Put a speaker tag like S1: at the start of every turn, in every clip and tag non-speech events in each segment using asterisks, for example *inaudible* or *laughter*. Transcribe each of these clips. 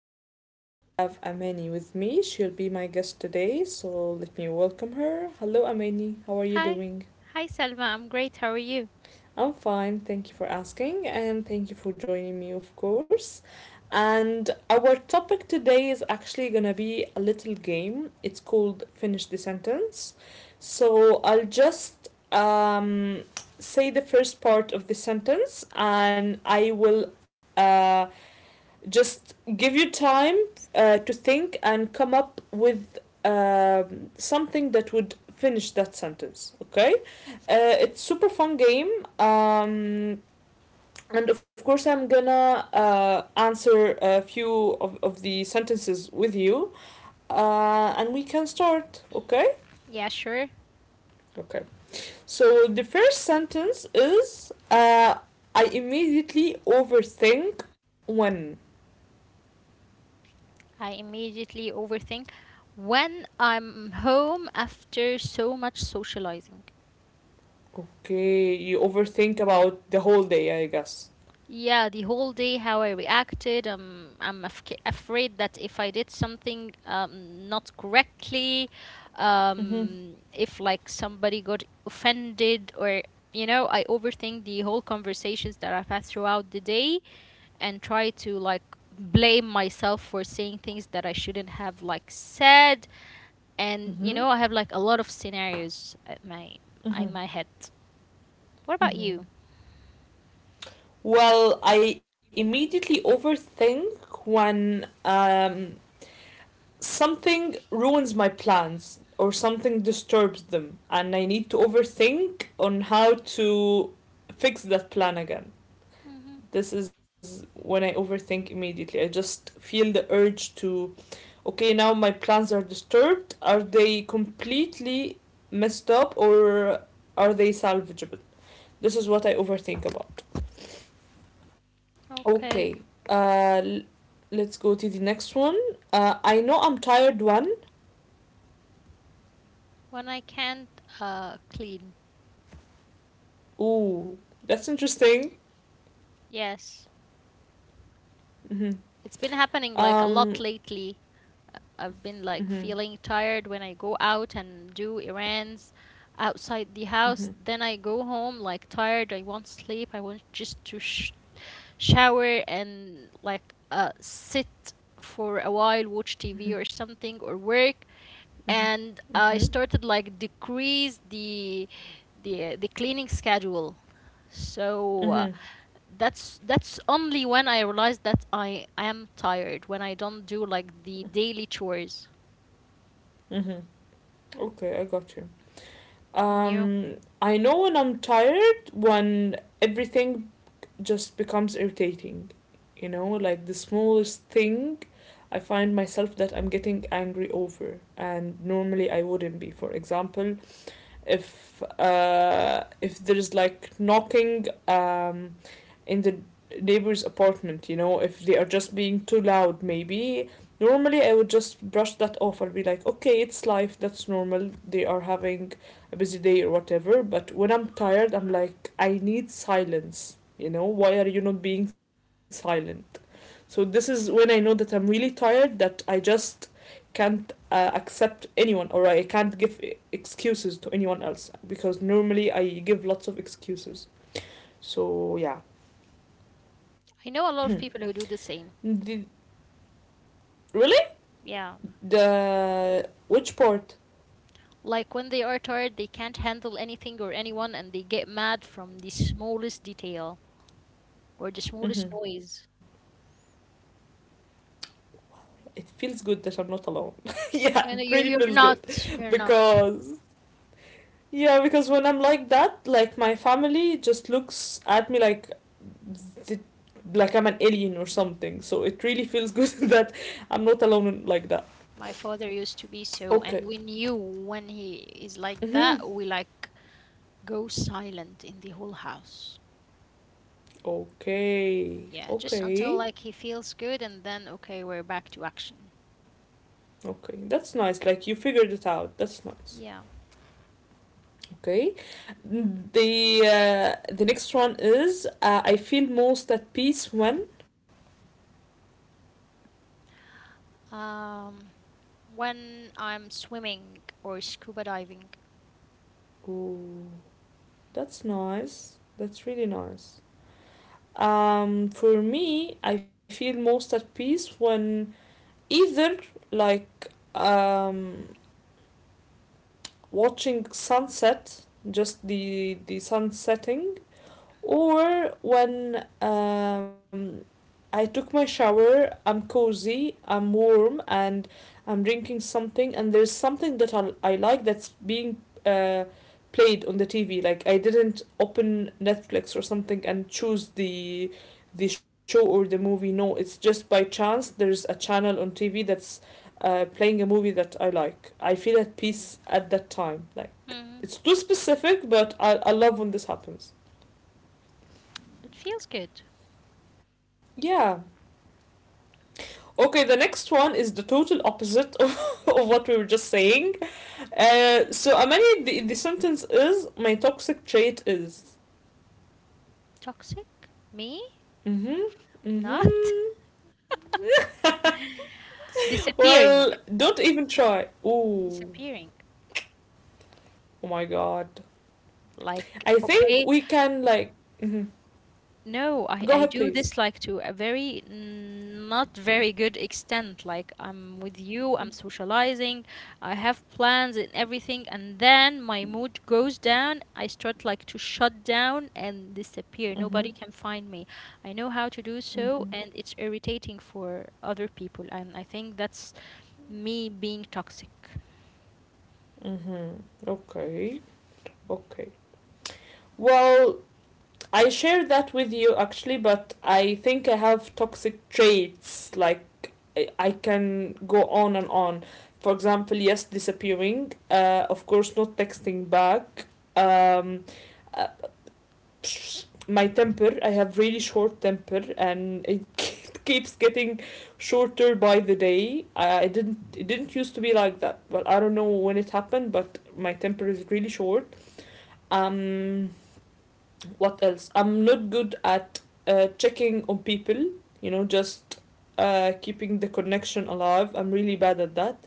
S1: and today I have Amani with me. She'll be my guest today, so let me welcome her. Hello, Amani. How are you
S2: Hi.
S1: doing?
S2: Hi, Selma. I'm great. How are you?
S1: I'm fine. Thank you for asking, and thank you for joining me, of course. And our topic today is actually gonna be a little game. It's called Finish the Sentence. So I'll just say the first part of the sentence, and I will. Uh, just give you time to think and come up with something that would finish that sentence, okay, it's super fun game. um, and of course I'm gonna answer a few of the sentences with you, and we can start, okay.
S2: Yeah, sure.
S1: Okay, so the first sentence is I immediately overthink when.
S2: I immediately overthink when I'm home after so much socializing.
S1: Okay, you overthink about the whole day, I guess.
S2: Yeah, the whole day how I reacted. I'm afk afraid that if I did something not correctly,
S1: Mm-hmm.
S2: if like somebody got offended or I overthink the whole conversations that I've had throughout the day and try to like blame myself for saying things that I shouldn't have like said, and you
S1: Mm-hmm.
S2: know I have like a lot of scenarios at my
S1: Mm-hmm.
S2: in my head. What about
S1: Mm-hmm.
S2: you?
S1: Well, I immediately overthink when something ruins my plans or something disturbs them, and I need to overthink on how to fix that plan again.
S2: hmm
S1: This is when I overthink immediately. I just feel the urge to. Okay, now my plans are disturbed. Are they completely messed up or are they salvageable? This is what I overthink about. Okay,
S2: Okay.
S1: uh, l- let's go to the next one. I know I'm tired one.
S2: When I can't clean.
S1: Ooh, that's interesting.
S2: Yes.
S1: Hmm.
S2: It's been happening like
S1: Um,
S2: a lot lately. I've been like
S1: hmm,
S2: feeling tired when I go out and do errands outside the house. Then I go home like tired. I want sleep. I want just to shower and like sit for a while, watch
S1: hmm,
S2: TV or something or work.
S1: hmm,
S2: And I
S1: hmm,
S2: started like decrease the the cleaning schedule. So uh,
S1: hmm,
S2: that's only when I realized that I am tired when I don't do like the daily chores.
S1: hmm. Okay, I got you.
S2: You,
S1: Um, I know when I'm tired, when everything just becomes irritating. You know, like the smallest thing, I find myself that I'm getting angry over, and normally I wouldn't be. For example, if there's like knocking in the neighbor's apartment, you know, if they are just being too loud, maybe. Normally, I would just brush that off. I'll be like, okay, it's life, that's normal. They are having a busy day or whatever. But when I'm tired, I'm like, I need silence, you know, why are you not being silent? So, this is when I know that I'm really tired, that I just can't accept anyone or I can't give excuses to anyone else because normally I give lots of excuses. So, yeah.
S2: I know a lot of
S1: *clears throat*
S2: people who do the same.
S1: Did, really?
S2: Yeah.
S1: The which part?
S2: Like when they are tired, they can't handle anything or anyone and they get mad from the smallest detail or the smallest
S1: Hmm.
S2: noise.
S1: It feels good that I'm not alone. *laughs* Yeah, it
S2: And you,
S1: really
S2: you're
S1: feels
S2: not,
S1: good
S2: we're not.
S1: because yeah, because when I'm like that, like my family just looks at me like the like I'm an alien or something. So it really feels good *laughs* that I'm not alone like that.
S2: My father used to be so,
S1: Okay.
S2: and we knew when he is like
S1: Hmm.
S2: that, we like go silent in the whole house.
S1: Okay.
S2: Yeah, just
S1: Okay.
S2: until like he feels good, and then okay, we're back to action.
S1: Okay. That's nice. Like you figured it out. That's nice.
S2: Yeah.
S1: Okay. The the next one is I feel most at peace when.
S2: Um, when I'm swimming or scuba diving.
S1: Ooh, that's nice. That's really nice. For me, I feel most at peace when either like um watching sunset, just the sun setting, or when I took my shower, I'm cozy, I'm warm, and I'm drinking something, and there's something that I like that's being uh, played on the TV. Like I didn't open Netflix or something and choose the show or the movie. No, it's just by chance there's a channel on TV that's playing a movie that I like. I feel at peace at that time. Like
S2: hmm
S1: it's too specific, but I love when this happens.
S2: it feels good.
S1: Yeah. Okay, the next one is the total opposite of, *laughs* of what we were just saying. So, Amani, the sentence is, my toxic trait is.
S2: Toxic? Me?
S1: Mm hmm.
S2: I'm
S1: Mm
S2: not
S1: hmm.
S2: *laughs*
S1: Well,
S2: disappearing,
S1: don't even try.
S2: disappearing.
S1: Oh my god.
S2: Like
S1: I think
S2: okay,
S1: we can, like. Mm-hmm.
S2: no,
S1: Go
S2: I
S1: ahead,
S2: do
S1: please.
S2: this like to a very not very good extent. Like I'm with you, I'm socializing, I have plans and everything, and then my mood goes down. I start like to shut down and disappear.
S1: Mm hmm.
S2: Nobody can find me. I know how to do
S1: Mm
S2: so,
S1: hmm.
S2: and it's irritating for other people, and I think that's me being toxic.
S1: Okay. Okay. Well, I share that with you actually, but I think I have toxic traits. Like I can go on and on. For example, yes, disappearing. Of course, not texting back. Um, uh, my temper. I have really short temper, and it *laughs* keeps getting shorter by the day. I didn't. It didn't used to be like that. Well, I don't know when it happened, but my temper is really short. Um, what else? I'm not good at checking on people, you know, just keeping the connection alive. I'm really bad at that.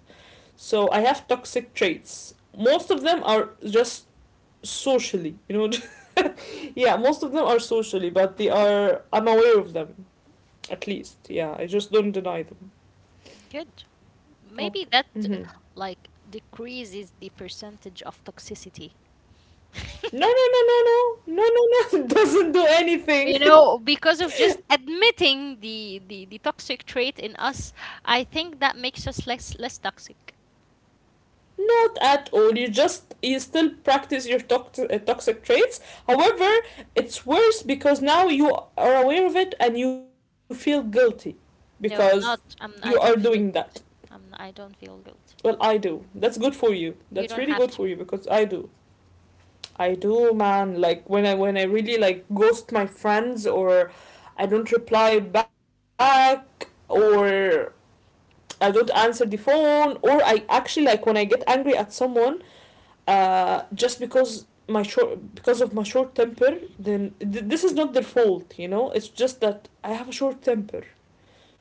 S1: So I have toxic traits. Most of them are just socially, *laughs*
S2: Mm,
S1: Yeah, most of them are socially, but they are. I'm aware of them, at least. Yeah, I just don't deny them.
S2: good. Maybe
S1: Okay.
S2: that
S1: Mm-hmm.
S2: like decreases the percentage of toxicity.
S1: No, no, no, no, no, no, no, no. *laughs* Doesn't do
S2: You
S1: anything.
S2: know, because of just admitting the toxic trait in us, I think that makes us less less toxic.
S1: Not at all. You just you still practice your toxic traits. However, it's worse because now you are aware of it and you feel guilty
S2: No, I'm
S1: because
S2: not. I'm.
S1: you
S2: I
S1: are
S2: don't feel
S1: doing
S2: good.
S1: that.
S2: I'm. I don't feel guilt.
S1: Well, I do. That's good for you.
S2: You
S1: That's
S2: don't
S1: really
S2: have
S1: good for
S2: to.
S1: you because I do. I do, man. Like when I really like ghost my friends or I don't reply back or I don't answer the phone or I actually like when I get angry at someone just because my short because of my short temper, then this is not their fault, you know, it's just that I have a short temper,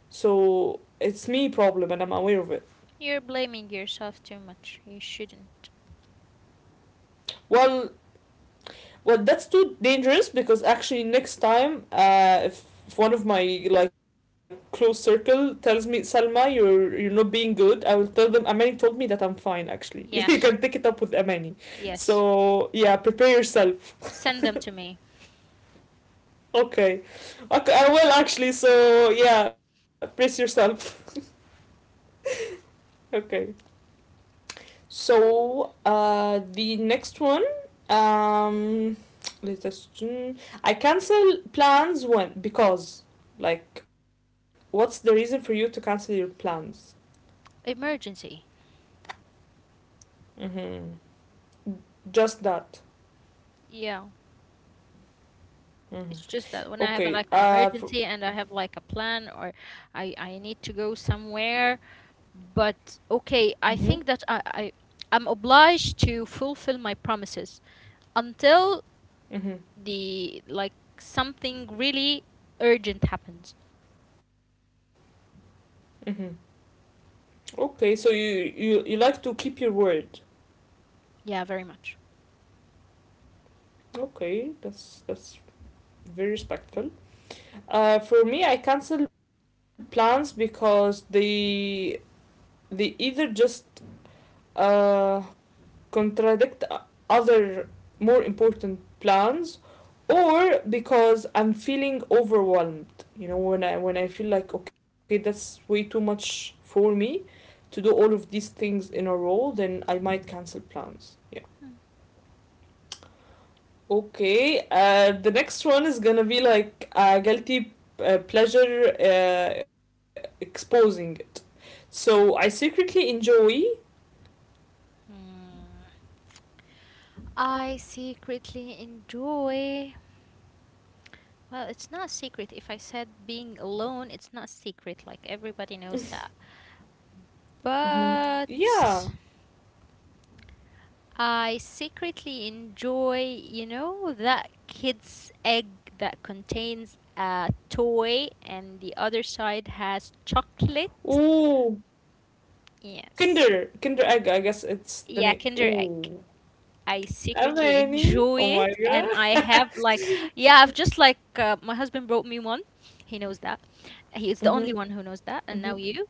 S1: so it's me problem and I'm aware of it.
S2: You're blaming yourself too much. You shouldn't.
S1: Well, well, that's too dangerous because actually next time, if one of my like close circle tells me, Salma, you're not being good, I will tell them Amani told me that I'm fine, actually. *laughs* You can pick
S2: Yes.
S1: it up with Amani.
S2: Yes.
S1: So yeah, prepare yourself.
S2: Send them to me.
S1: Okay. Okay, I will actually. So, yeah, brace yourself. Okay. So, the next one. Um, let us. I cancel plans when. Because. Like, what's the reason for you to cancel your plans?
S2: Emergency.
S1: Mm-hmm. Just that.
S2: Yeah.
S1: Mm-hmm.
S2: It's just that when I have
S1: Okay.
S2: like an emergency and I have like a plan or I need to go somewhere. But okay, I
S1: Mm-hmm.
S2: think that I I'm obliged to fulfill my promises until
S1: Mm-hmm.
S2: the like something really urgent happens.
S1: Mm-hmm. Okay, so you like to keep your word.
S2: Yeah, very much.
S1: Okay, that's very respectful. For me, I cancel plans because they either just uh, contradict other more important plans, or because I'm feeling overwhelmed. You know, when I feel like okay, that's way too much for me to do all of these things in a row, then I might cancel plans. Yeah. Okay, the next one is gonna be like a guilty pleasure exposing it. So I secretly enjoy.
S2: Hmm. I secretly enjoy. Well, it's not a secret. If I said being alone, it's not a secret. Like everybody knows that.
S1: Hmm.
S2: But
S1: Yeah.
S2: I secretly enjoy, you know, that kid's egg that contains a toy and the other side has chocolate.
S1: Ooh,
S2: Yes.
S1: Kinder, Kinder Egg. I guess it's
S2: Yeah,
S1: the name.
S2: Kinder Egg.
S1: Ooh,
S2: I secretly enjoy
S1: Amani.
S2: it
S1: Oh my
S2: and I have
S1: god.
S2: like yeah, I've just like my husband brought me one. He knows that. He is the only one
S1: Mhm.
S2: who knows that, and now
S1: Mhm.
S2: you,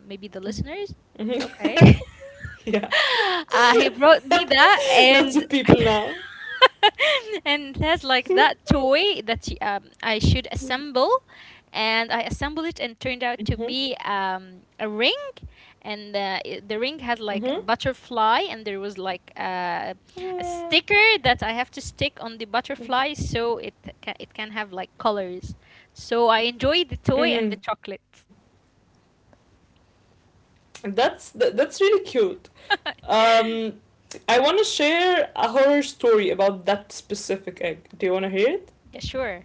S2: maybe the listeners.
S1: Mhm.
S2: Okay.
S1: *laughs* Yeah.
S2: *laughs* He
S1: *laughs*
S2: brought me that
S1: Lots
S2: and
S1: of people
S2: *laughs*
S1: now. *laughs*
S2: *laughs* and it has like that toy that I should assemble, and I assembled it and
S1: Mhm.
S2: turned out to be a ring, and the ring had
S1: Mhm.
S2: like a butterfly, and there was like a
S1: Mm.
S2: sticker that I have to stick on the butterfly so it it can have like colors. So I enjoyed the toy and the
S1: Mhm.
S2: chocolate.
S1: That's that's really cute. Um, I want to share a horror story about that specific egg. Do you want to hear it?
S2: Yeah, sure.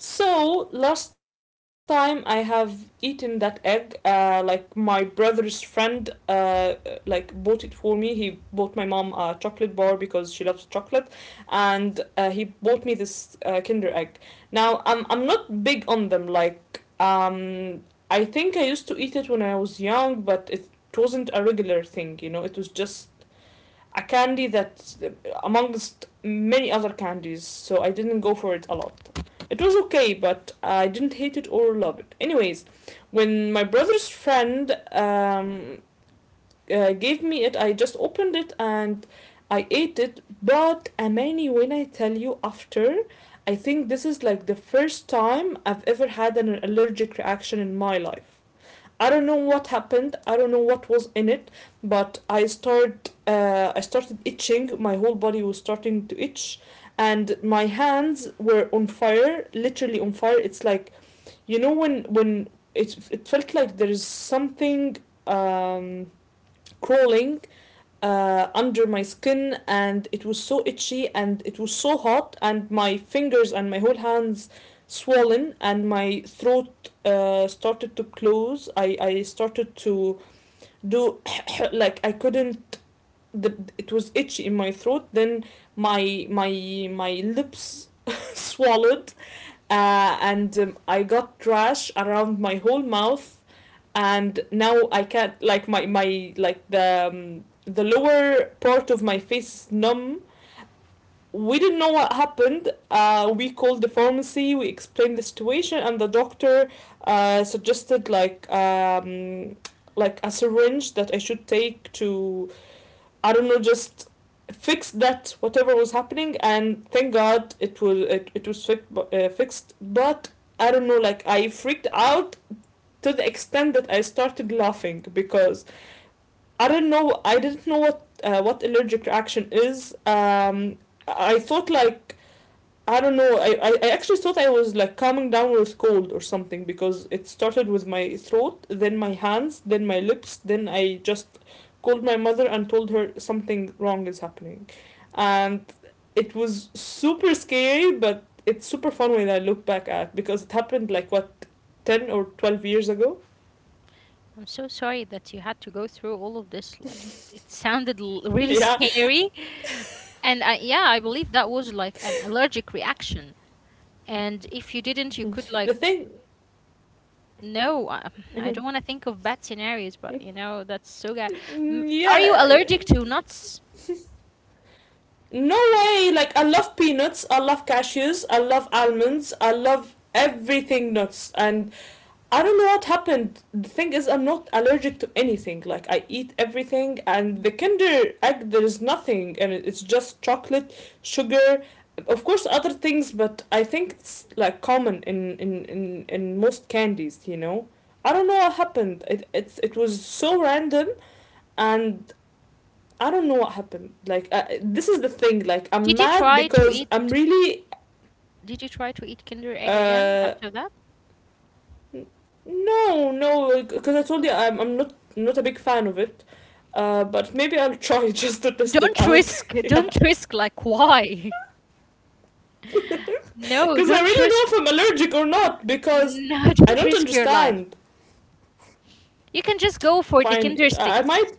S1: So last time I have eaten that egg, like my brother's friend, like bought it for me. He bought my mom a chocolate bar because she loves chocolate, and he bought me this Kinder egg. Now I'm not big on them. Like I think I used to eat it when I was young, but it wasn't a regular thing. You know, it was just a candy that amongst many other candies, so I didn't go for it a lot. It was okay, but I didn't hate it or love it. Anyways, when my brother's friend gave me it, I just opened it and I ate it. But Amani, when I tell you after, I think this is like the first time I've ever had an allergic reaction in my life. I don't know what happened. I don't know what was in it, but I started itching. My whole body was starting to itch, and my hands were on fire, literally on fire. It's like you know when it felt like there is something um, crawling under my skin, and it was so itchy and it was so hot and my fingers and my whole hands swollen and my throat started to close. I started to do *coughs* like I couldn't the, it was itchy in my throat, then my lips *laughs* swallowed and I got trash around my whole mouth, and now I can't like my like the lower part of my face is numb. We didn't know what happened. We called the pharmacy. We explained the situation, and the doctor suggested like a syringe that I should take to I don't know, just fix that whatever was happening, and thank God it was it was fixed. But I don't know, like I freaked out to the extent that I started laughing because I don't know, I didn't know what allergic reaction is. I thought like I don't know. I actually thought I was like calming down with cold or something because it started with my throat, then my hands, then my lips, then I just called my mother and told her something wrong is happening. And it was super scary, but it's super fun when I look back at because it happened like what, 10 or 12 years ago. *laughs*
S2: I'm so sorry that you had to go through all of this. Like, it sounded really
S1: Yeah.
S2: scary. And I, yeah, I believe that was like an allergic reaction. And if you didn't, you could, like,
S1: The thing.
S2: no, I don't want to think of bad scenarios, but you know, that's so bad.
S1: *laughs*
S2: M- Are you
S1: Yeah.
S2: allergic to nuts?
S1: No way! Like I love peanuts, I love cashews, I love almonds, I love everything nuts, and I don't know what happened. The thing is, I'm not allergic to anything. Like I eat everything, and the Kinder egg there is nothing, and it's just chocolate, sugar, of course other things, but I think it's like common in most candies. You know, I don't know what happened. It was so random, and I don't know what happened. Like this is the thing. Like I'm
S2: Did you
S1: mad
S2: try to
S1: because
S2: eat?
S1: I'm really
S2: Did you try to eat Kinder Egg again
S1: uh
S2: after that?
S1: no because I told you I'm not a big fan of it. But maybe I'll *laughs* try just to test it
S2: Don't
S1: out.
S2: risk.
S1: *laughs* Yeah,
S2: Don't risk. Like, why? *laughs* No,
S1: because I really
S2: don't
S1: don't know
S2: risk.
S1: if I'm allergic or not because
S2: No, *laughs*
S1: I
S2: don't
S1: don't
S2: risk your life.
S1: understand.
S2: You can just go for the
S1: Fine,
S2: Kinder
S1: I
S2: sticks.
S1: might.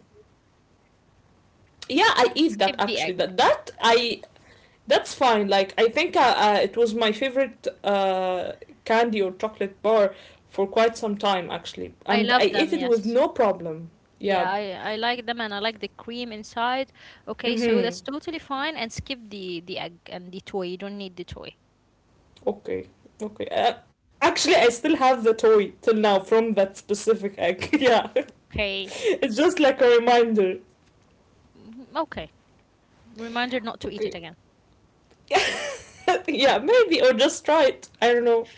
S1: Yeah, I eat
S2: Skip
S1: that
S2: the egg.
S1: actually. That that I That's fine. Like I think it was my favorite candy or chocolate bar for quite some time actually,
S2: I
S1: and I
S2: love
S1: ate
S2: them,
S1: it with
S2: yes.
S1: no problem.
S2: Yeah,
S1: Yeah.
S2: I like them and I like the cream inside. Okay, so that's
S1: Mm-hmm.
S2: totally fine and skip the egg and the toy. You don't need the toy.
S1: Okay. Okay. Actually, I still have the toy till now from that specific egg. *laughs* Yeah.
S2: Okay.
S1: It's just like a reminder.
S2: Mhm. Okay. Reminder not to eat it
S1: Okay.
S2: again.
S1: *laughs* Yeah, maybe or just try it. I don't know.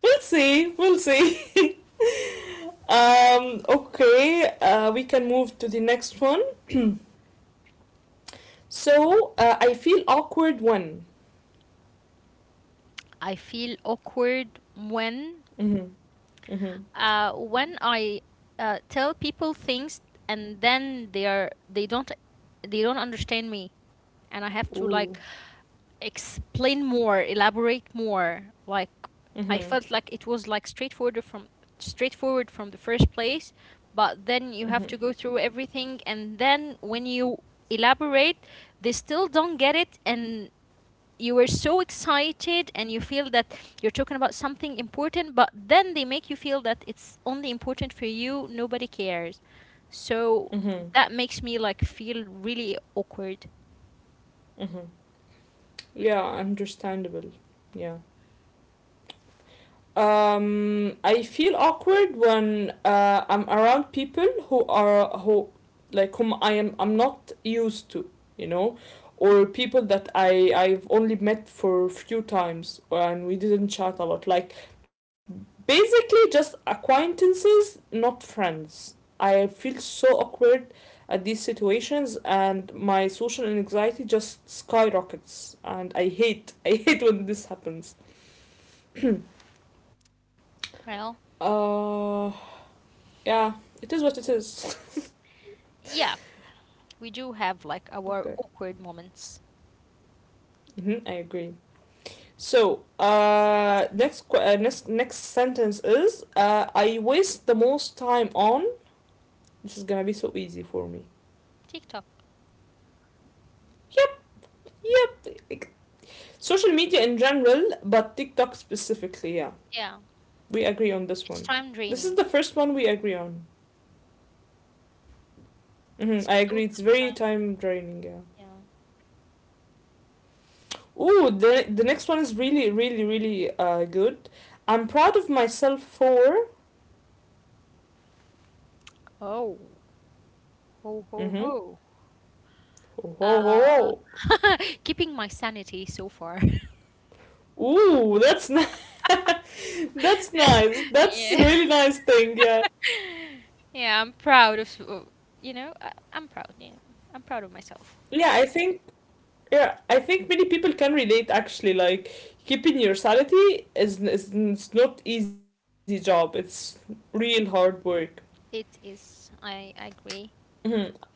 S1: We'll see. We'll see. *laughs* Okay. We can move to the next one. So I feel awkward when.
S2: I feel awkward
S1: Mm-hmm. Mm-hmm.
S2: when I tell people things and then they don't understand me and I have to like
S1: Ooh.
S2: explain more, elaborate more. Like I
S1: Mm-hmm.
S2: felt like it was like straightforward from the first place, but then you
S1: Mm-hmm.
S2: have to go through everything and then when you elaborate, they still don't get it and you were so excited and you feel that you're talking about something important, but then they make you feel that it's only important for you, nobody cares. So
S1: Mm-hmm.
S2: that makes me like feel really awkward.
S1: Mm-hmm. Yeah, understandable. Yeah. I feel awkward when I'm around people who are who like whom I'm not used to, you know, or people that I've only met for a few times and we didn't chat a lot. Like basically just acquaintances, not friends. I feel so awkward at these situations and my social anxiety just skyrockets and I hate *laughs* I hate when this happens.
S2: Well,
S1: Uh Yeah, it is what it is. *laughs*
S2: yeah. We do have like our
S1: Okay.
S2: awkward moments.
S1: Mm-hmm, I agree. So, next next sentence is I waste the most time on. This is gonna be so easy for me.
S2: TikTok.
S1: Yep, yep. Like, social media in general, but TikTok specifically. Yeah,
S2: Yeah.
S1: we agree on this
S2: It's
S1: one.
S2: time
S1: This is
S2: draining.
S1: the first one we agree on.
S2: It's
S1: Mm-hmm, I agree.
S2: totally
S1: It's very
S2: time.
S1: time draining. Yeah.
S2: Yeah.
S1: Ooh, the next one is really good. I'm proud of myself for.
S2: Oh. Ho ho
S1: Mm-hmm.
S2: ho.
S1: Ho ho
S2: Uh
S1: ho.
S2: *laughs* keeping my sanity so far. *laughs*
S1: Ooh, that's ni- *laughs* that's nice. That's
S2: Yeah.
S1: really nice thing. Yeah.
S2: *laughs* yeah, I'm proud of you know, I'm proud. Yeah. I'm proud of myself.
S1: Yeah, I think yeah, I think many people can relate actually, like keeping your sanity is it's not easy job. It's real hard work.
S2: It is. I agree.
S1: Mhm.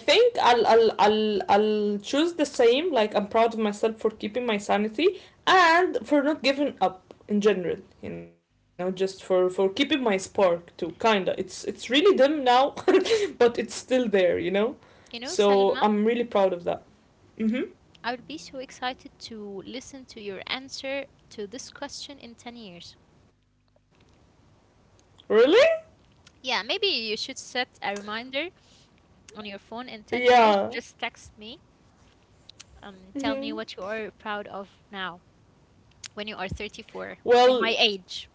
S1: I think I'll choose the same, like I'm proud of myself for keeping my sanity and for not giving up in general, you know, just for keeping my spark too, kinda. It's really dim now, *laughs* but it's still there, you know.
S2: You know,
S1: So
S2: Salma,
S1: I'm really proud of that. Hmm.
S2: I would be so excited to listen to your answer to this question in 10 years.
S1: Really?
S2: Yeah, maybe you should set a reminder on your phone in 10 years,
S1: Yeah.
S2: just text me. Tell me
S1: Hmm.
S2: what you are proud of now when you are 34 in my
S1: Well,
S2: age.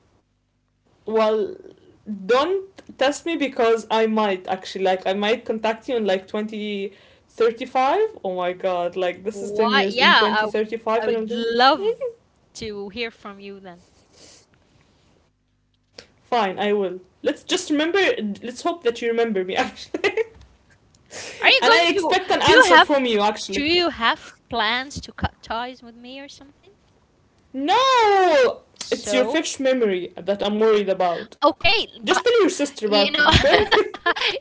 S1: well, don't test me because I might actually, like I might contact you in like 2035. Oh my god, like this
S2: What?
S1: is 10
S2: Yeah,
S1: years, in
S2: I would
S1: 2035, and I'll do
S2: love to hear from you then.
S1: fine, I will. Let's just
S2: Okay.
S1: remember, let's hope that you remember me actually. *laughs*
S2: Are you
S1: And
S2: going
S1: I
S2: to
S1: expect an
S2: do you
S1: answer
S2: have
S1: from you actually.
S2: do you have plans to cut ties with me or something?
S1: No! It's your
S2: So,
S1: fixed memory that I'm worried about.
S2: okay,
S1: Just tell
S2: but
S1: your sister about me,
S2: you know *laughs*
S1: okay?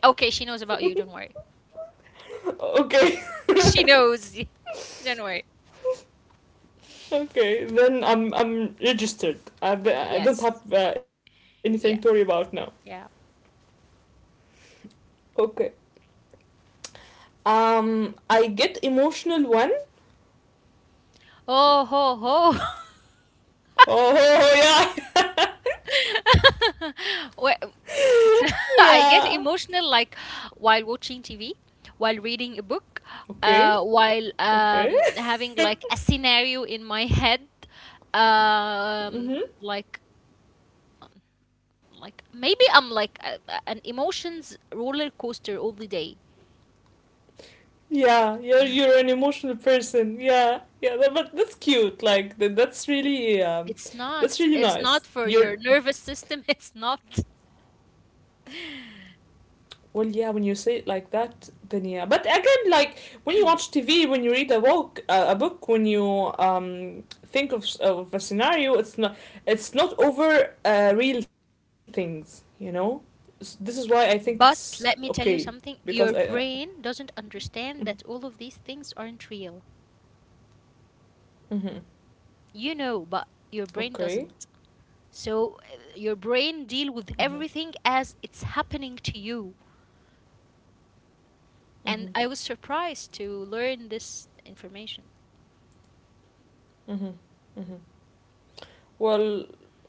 S2: okay, she knows about you, don't worry.
S1: Okay.
S2: She
S1: *laughs*
S2: knows. *laughs* Don't worry.
S1: Okay, then I'm registered. I don't have
S2: Yes.
S1: anything to worry about
S2: Yeah.
S1: now.
S2: Yeah.
S1: Okay. I get emotional when.
S2: Oh ho ho. *laughs*
S1: Oh, yeah,
S2: *laughs* Well,
S1: *laughs*
S2: *laughs*
S1: yeah.
S2: I get emotional like while watching TV, while reading a book,
S1: Okay,
S2: while
S1: okay.
S2: having like a scenario in my head. Um,
S1: Mhm.
S2: like like maybe I'm like an emotions roller coaster all the day.
S1: Yeah, you're an emotional person. Yeah, yeah. But that's cute. Like
S2: It's not
S1: that's really nice.
S2: for your
S1: You're.
S2: nervous system. *laughs* It's not.
S1: Well, yeah, when you say it like that, then yeah. But again, like when you watch TV, when you read a book, when you think of a scenario, it's not over real things, you know. This is why I think it's
S2: But
S1: okay
S2: let me tell you
S1: because I.
S2: something. Your brain doesn't
S1: Mm-hmm,
S2: understand that all of these things aren't real.
S1: mm-hmm,
S2: You know, but your brain
S1: okay.
S2: doesn't. Your brain
S1: Mm-hmm,
S2: deal with everything as it's happening to you.
S1: mm-hmm,
S2: And I was surprised to learn this information.
S1: mm-hmm, mm-hmm. Well,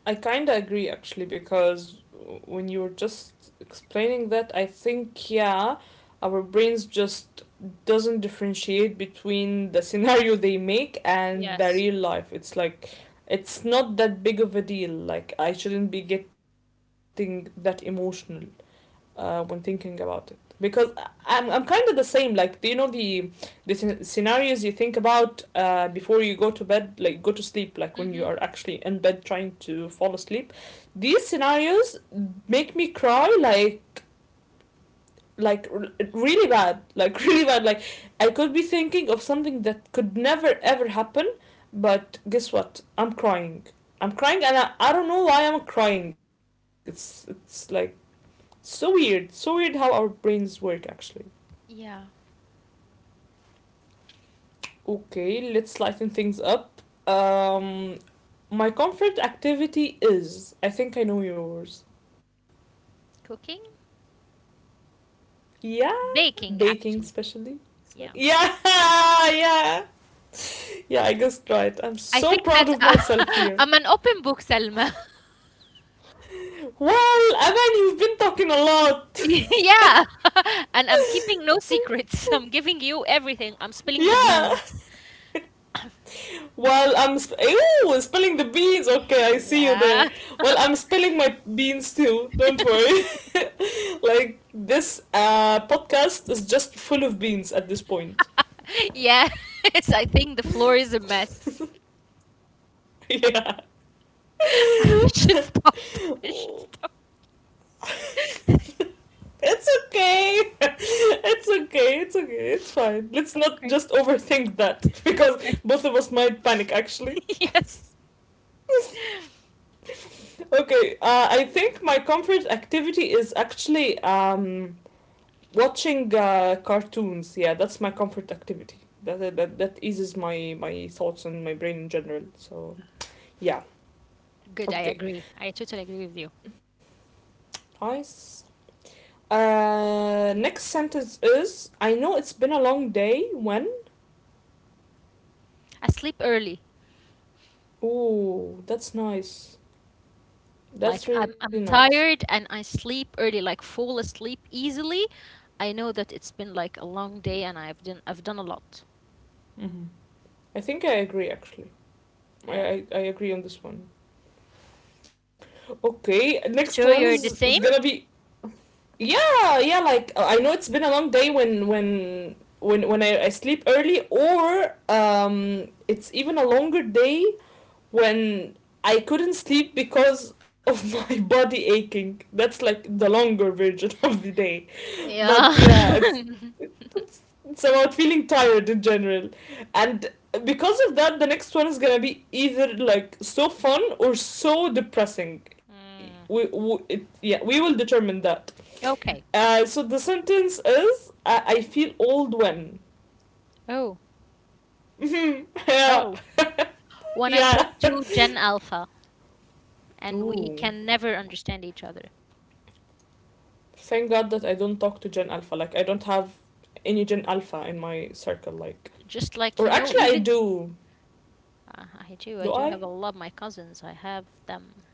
S1: I kind of agree actually because when you were just explaining that, I think yeah, our brains just doesn't differentiate between the *laughs* scenario they make and the
S2: Yes.
S1: real life. It's like it's not that big of a deal. Like I shouldn't be getting that emotional when thinking about it because I'm kind of the same. Like, do you know the the scenarios you think about before you go to bed, like go to sleep, like when you are
S2: Mm-hmm.
S1: actually in bed trying to fall asleep? These scenarios make me cry, like really bad, like *laughs* really bad. Like I could be thinking of something that could never ever happen, but guess what? I'm crying. I'm crying, and I don't know why I'm crying. It's like so weird. So weird how our brains work actually.
S2: Yeah.
S1: Okay, let's lighten things up. Um, my comfort activity is, I think I know yours.
S2: Cooking?
S1: Yeah,
S2: Baking,
S1: baking
S2: actually.
S1: especially. So,
S2: Yeah.
S1: yeah, *laughs* yeah. Yeah, I guessed right. I'm
S2: I
S1: so
S2: think
S1: proud
S2: that
S1: of myself
S2: *laughs*
S1: here.
S2: I'm an open book, Selma. *laughs*
S1: Well, Aman, you've been talking a lot.
S2: Yeah. *laughs* And I'm keeping no secrets. *laughs*
S1: *laughs*
S2: I'm giving you everything. I'm spilling the
S1: Yeah.
S2: beans.
S1: *laughs*
S2: *coughs*
S1: While Ew, spilling the beans.
S2: *laughs*
S1: Okay, I see you there.
S2: Yeah.
S1: Well, I'm spilling my beans too. Don't worry.
S2: *laughs*
S1: *laughs* Like this podcast is just full of beans at this point.
S2: *laughs* Yes, I think the floor is a mess.
S1: *laughs* Yeah.
S2: *laughs* I
S1: *laughs*
S2: should stop. I should
S1: Oh.
S2: stop.
S1: *laughs*
S2: *laughs*
S1: It's okay. *laughs* It's okay. It's okay. It's fine. Let's not
S2: Okay.
S1: just overthink that *laughs* because
S2: Okay.
S1: both of us might panic actually.
S2: *laughs* Yes.
S1: Okay, I think my comfort activity is actually watching cartoons, yeah, that's my comfort activity. That eases my my thoughts and my brain in general. So yeah,
S2: Good, I agree.
S1: okay,
S2: I totally agree with you.
S1: nice. Next sentence is, I know it's been a long day when.
S2: I sleep early.
S1: Ooh, that's nice.
S2: Like
S1: That's really
S2: I'm
S1: nice.
S2: tired and I sleep early, like fall asleep easily. I know that it's been like a long day and I've done a lot.
S1: Mm-hmm. I think I agree actually.
S2: Yeah.
S1: I agree on this one. Okay, next
S2: Sure
S1: one
S2: you're the
S1: is
S2: same?
S1: gonna be yeah, yeah, like I know it's been a long day when I sleep early, or um, it's even a longer day when I couldn't sleep because of *laughs* my body aching, that's like the longer version *laughs* of the day, but
S2: Yeah.
S1: yeah, it's
S2: *laughs*
S1: it's about feeling tired in general, and because of that the next one is gonna be either like so fun or so depressing.
S2: Mm.
S1: Yeah, we will determine that.
S2: Okay.
S1: So the sentence is, I feel old when.
S2: Oh.
S1: *laughs* Yeah.
S2: Oh. When I
S1: Yeah.
S2: talk to Gen Alpha, and we can
S1: Ooh.
S2: never understand each other.
S1: Thank God that I don't talk to Gen Alpha. Like, I don't have any Gen Alpha in my circle. Like,
S2: Just like,
S1: or
S2: you know,
S1: actually, I
S2: even
S1: do.
S2: I
S1: Do
S2: do have
S1: I?
S2: a lot of my cousins. I have them.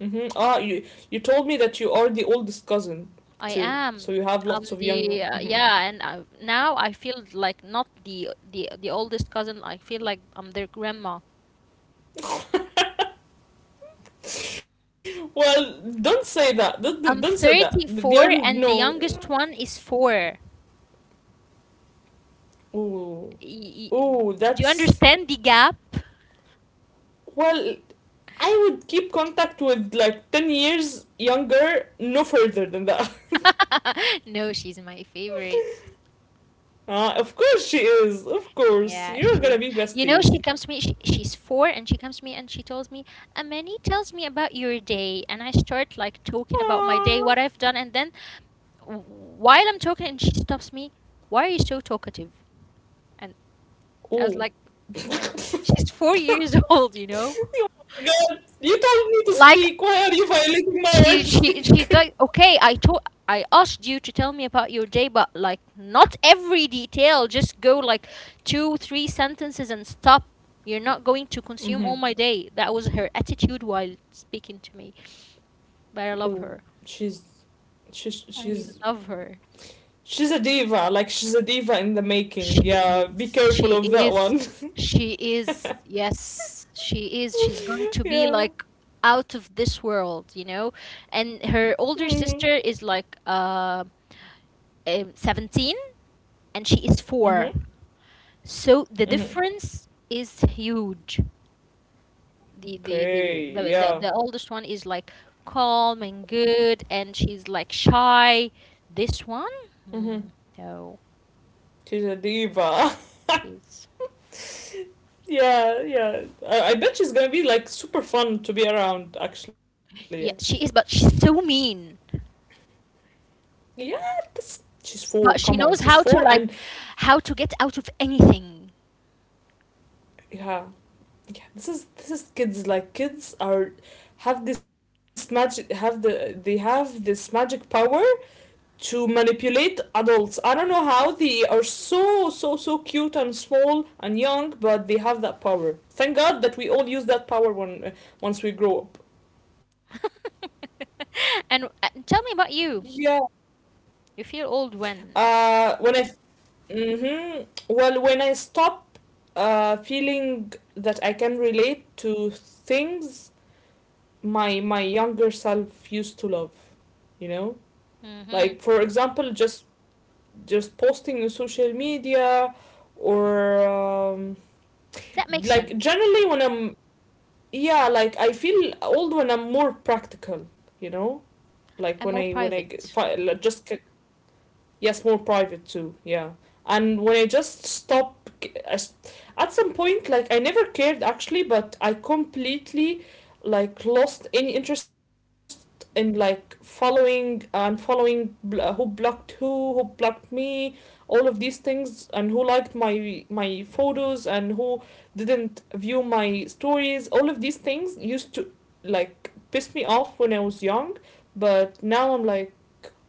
S1: Mm-hmm. Ah, you told me that you are the oldest cousin
S2: I
S1: too.
S2: am.
S1: So you
S2: I'm
S1: have lots of
S2: the
S1: young.
S2: yeah,
S1: Mhm.
S2: and I, now I feel like not the oldest cousin. I feel like I'm their grandma.
S1: Well, don't say that.
S2: I'm
S1: Don't say that. They
S2: 34
S1: are
S2: and the
S1: no.
S2: youngest one is 4.
S1: Ooh,
S2: Y- y-
S1: ooh,
S2: do you
S1: that's
S2: understand the gap?
S1: well. I would keep contact with like 10 years younger, no further than that. *laughs*
S2: *laughs* No, she's my favorite.
S1: Ah, of course she is. Of course.
S2: Yeah,
S1: You're
S2: she's,
S1: gonna be
S2: you know,
S1: besties.
S2: she comes to me, she's four, and she comes to me and she tells me, Amani, tells me about your day. And I start like talking about my day,
S1: Aww.
S2: what I've done. And then while I'm talking, and she stops me, why are you so talkative? And I was
S1: Ooh.
S2: like,
S1: *laughs*
S2: she's 4 years *laughs* old, you know?
S1: Oh my god. You told me to
S2: Like,
S1: speak. Why are you violating my right to
S2: she's
S1: speak?
S2: like okay I told I asked you to tell me about your day but like not every detail just go like two three sentences and stop, you're not going to consume
S1: *laughs*
S2: all
S1: Mm-hmm.
S2: my day. That was her attitude while speaking to me, but I love
S1: Ooh.
S2: her.
S1: She's. She's.
S2: I
S1: She's.
S2: love her.
S1: She's a diva. Like, she's a diva in the
S2: she
S1: making. Yeah. Be
S2: is she
S1: careful of that
S2: is
S1: one.
S2: she is, yes she is. She's going to
S1: *laughs*
S2: be
S1: Yeah.
S2: like out of this world, you know, and her
S1: Mm
S2: older sister is like 17 and she is
S1: hmm. Mm hmm.
S2: four. So
S1: Mm
S2: the
S1: hmm.
S2: difference is huge. The the the
S1: Okay.
S2: the, the,
S1: Yeah.
S2: the oldest one is like calm and good, and she's like shy. This one,
S1: Mm hmm.
S2: hmm, no,
S1: She's a diva.
S2: she's
S1: *laughs* Yeah, yeah. I bet she's gonna be like super fun to be around. Actually,
S2: yeah, she is, but she's so mean.
S1: yeah. This she's four. Come
S2: But
S1: on,
S2: she
S1: she's
S2: knows
S1: four,
S2: how to
S1: and
S2: how to get out of anything.
S1: yeah, yeah. This is kids. Like kids are, have this magic, have they have this magic power to manipulate adults. I don't know how they are so cute and small and young, but they have that power. Thank god that we all use that power when once we grow up.
S2: *laughs* and tell me about
S1: Yeah.
S2: you. You feel old when?
S1: Uh, when I f- mhm. Well, when I stop feeling that I can relate to things my younger self used to love, you know,
S2: hmm
S1: like for example, just posting on social media, or
S2: That makes
S1: like
S2: sense.
S1: generally when I'm, yeah, like I feel old when I'm more practical, you know, like
S2: And more
S1: when I g-
S2: private.
S1: fi- like, just. Yes, more private too. Yeah. And when I just stopped, at some point, like I never cared actually, but I completely, like lost any interest in like following and who blocked me, all of these things, and who liked my photos and who didn't view my stories. All of these things used to like piss me off when I was young, but now I'm like,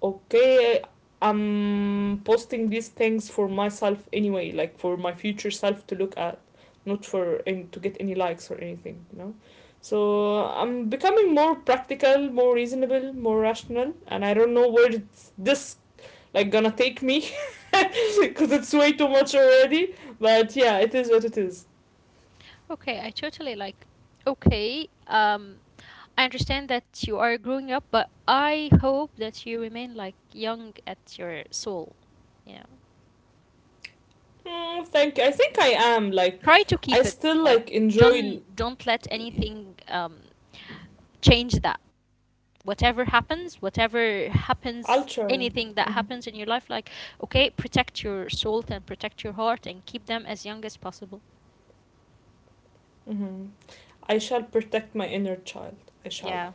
S1: okay, I'm posting these things for myself anyway, like for my future self to look at, not for and to get any likes or anything, you know. So I'm becoming more practical, more reasonable, more rational, and I don't know where this gonna take me because *laughs* it's way too much already. But yeah, it is what it is.
S2: Okay, I totally like. Okay, um, I understand that you are growing up, but I hope that you remain like young at your soul. Yeah,
S1: Mm, thank you. I think I am like,
S2: try to
S1: I
S2: keep it
S1: still
S2: like,
S1: like enjoy.
S2: don't let anything change that. Whatever
S1: I'll try.
S2: happens,
S1: Hmm.
S2: anything that happens in your life, like okay, protect your soul and protect your heart and keep them as young as possible.
S1: Hmm. I shall protect my inner child. I shall.
S2: Yeah.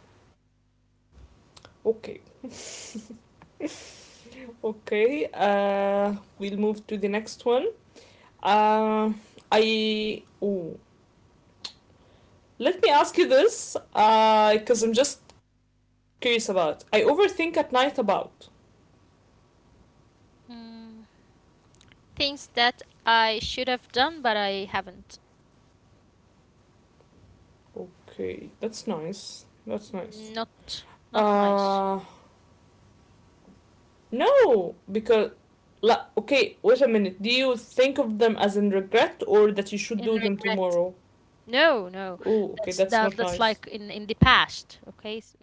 S1: Okay. *laughs* okay, uh, we'll move to the next one. Uh, I. Ooh. Let me ask you this, because I'm just curious about. I overthink at night about.
S2: Mm, things that I should have done, but I haven't.
S1: Okay, that's nice. That's nice.
S2: Not not nice.
S1: Uh, no, because. Okay, wait a minute. Do you think of them as in regret or that you should
S2: In
S1: do them
S2: regret.
S1: tomorrow?
S2: No, no.
S1: Oh,
S2: That's
S1: okay,
S2: that
S1: that's
S2: that's
S1: not
S2: like
S1: nice.
S2: in the past, okay? S-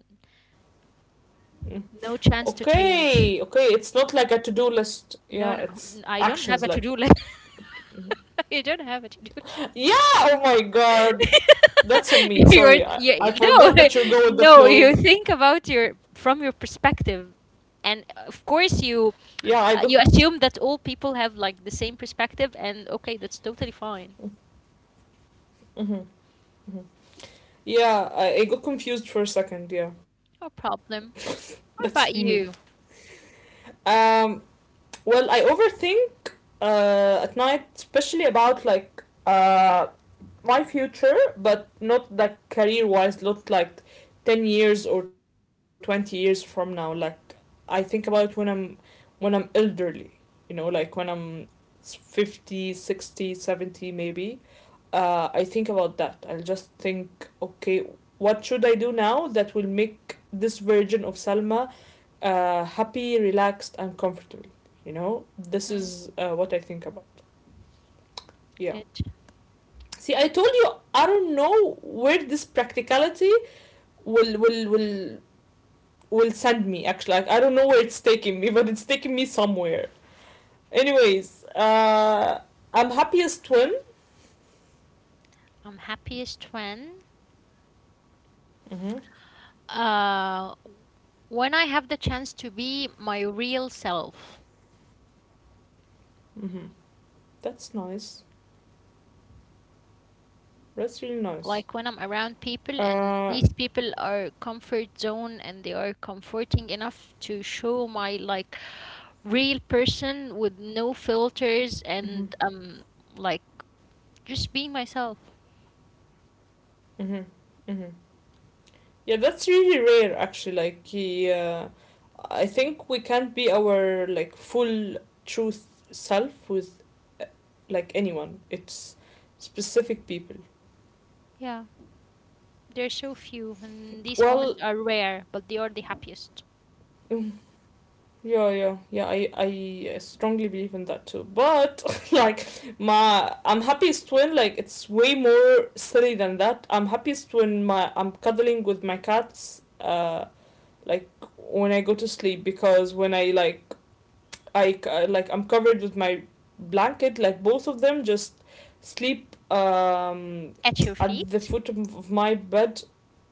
S1: *laughs*
S2: No chance to
S1: Okay, okay,
S2: change.
S1: it's not like a to-do list. Yeah,
S2: No,
S1: it's
S2: no. n- I
S1: actions
S2: don't
S1: like.
S2: have a to-do list. *laughs*
S1: Mhm.
S2: You don't have a to-do list.
S1: Yeah, oh my god. That's on
S2: *laughs*
S1: me.
S2: You're
S1: Sorry. I,
S2: yeah,
S1: I
S2: no.
S1: forgot that you
S2: *laughs*
S1: go with the
S2: No, you
S1: flow.
S2: think about your from your perspective. And of course you
S1: Yeah, I got.
S2: you assume that all people have like the same perspective and okay, that's totally fine.
S1: Hmm. Yeah, I got confused for a second. Yeah.
S2: No
S1: *laughs*
S2: problem.
S1: That's on me.
S2: How about you?
S1: Um well, I overthink at night especially about uh my future, but not that career wise, not like 10 years or 20 years from now. Like, I think about it when I'm elderly, you know, like when I'm 50, 60, 70, maybe. I think about that. I'll just think, okay, what should I do now that will make this version of Salma happy, relaxed, and comfortable? You know, this
S2: Hmm.
S1: is what I think about. Yeah.
S2: Good.
S1: See, I told you, I don't know where this practicality will will send me. Actually, like, I don't know where it's taking me, but it's taking me somewhere. Anyways, I'm happy as twin.
S2: I'm happiest
S1: Mm-hmm.
S2: uh when I have the chance to be my real self.
S1: Mm-hmm. That's nice. That's really nice.
S2: Like when I'm around people and
S1: Uh,
S2: these people are comfort zone and they are comforting enough to show my like real person with no filters
S1: mm-hmm.
S2: and like just being myself.
S1: Mm-hmm. Mm-hmm. Yeah, that's really rare actually. I think we can't be our like full truth self with uh, like anyone. It's specific people.
S2: Yeah. There's so few and these moments
S1: Well,
S2: are rare, but they are the happiest.
S1: *laughs* mm, yeah, yeah, yeah. I strongly believe in that too. But *laughs* like my I'm happiest when like it's way more silly than that. I'm happiest when my I'm cuddling with my cats. Like when I go to sleep because when I like I c- like I'm covered with my blanket. Like both of them just sleep
S2: At your
S1: at the
S2: feet.
S1: foot of my bed.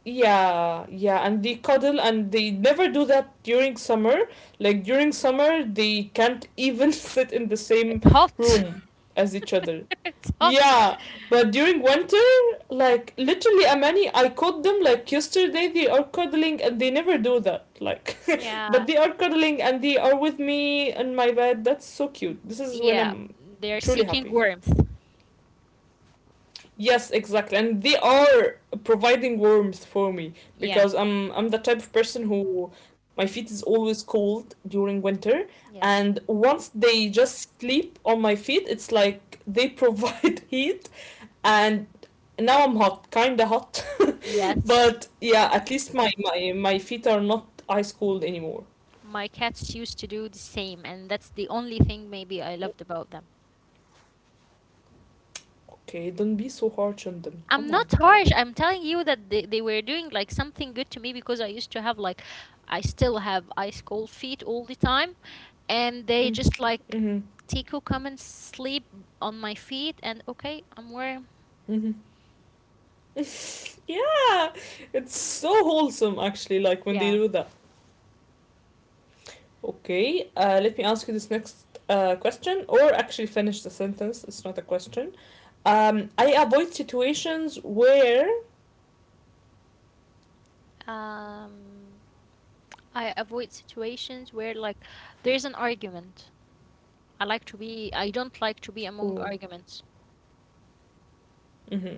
S1: Yeah, yeah, and they cuddle and they never do that during summer. Like during summer, they can't even *laughs* sit in the same
S2: It's hot.
S1: room as each other.
S2: *laughs* It's hot.
S1: Yeah, but during winter, like literally, Amani, I caught them like yesterday. They are cuddling and they never do that. Like, *laughs*
S2: Yeah.
S1: but they are cuddling and they are with me in my bed. That's so cute. This is when
S2: Yeah,
S1: I'm
S2: they're
S1: truly
S2: seeking
S1: happy.
S2: warmth.
S1: Yes, exactly. And they are providing warmth for me
S2: Yeah.
S1: because I'm the type of person who my feet is always cold during winter,
S2: Yes.
S1: and once they just sleep on my feet, it's like they provide *laughs* heat and now I'm hot, kinda hot. *laughs*
S2: Yes.
S1: But yeah, at least my feet are not ice cold anymore.
S2: My cats used to do the same, and that's the only thing maybe I loved about them.
S1: Okay, don't be so harsh on them.
S2: I'm
S1: Come on.
S2: not harsh. I'm telling you that they were doing like something good to me because I used to have like, I still have ice cold feet all the time, and they
S1: Mm.
S2: just like,
S1: Mm-hmm.
S2: Tico, come and sleep on my feet, and okay, I'm warm.
S1: Mm-hmm. *laughs* Yeah, it's so wholesome actually. Like when they
S2: Yeah.
S1: do that. Okay, let me ask you this next question, or actually finish the sentence. It's not a question. I avoid situations where.
S2: Um, I avoid situations where like there's an argument. I like to be, I don't like to be among
S1: Ooh.
S2: arguments.
S1: Mm-hmm.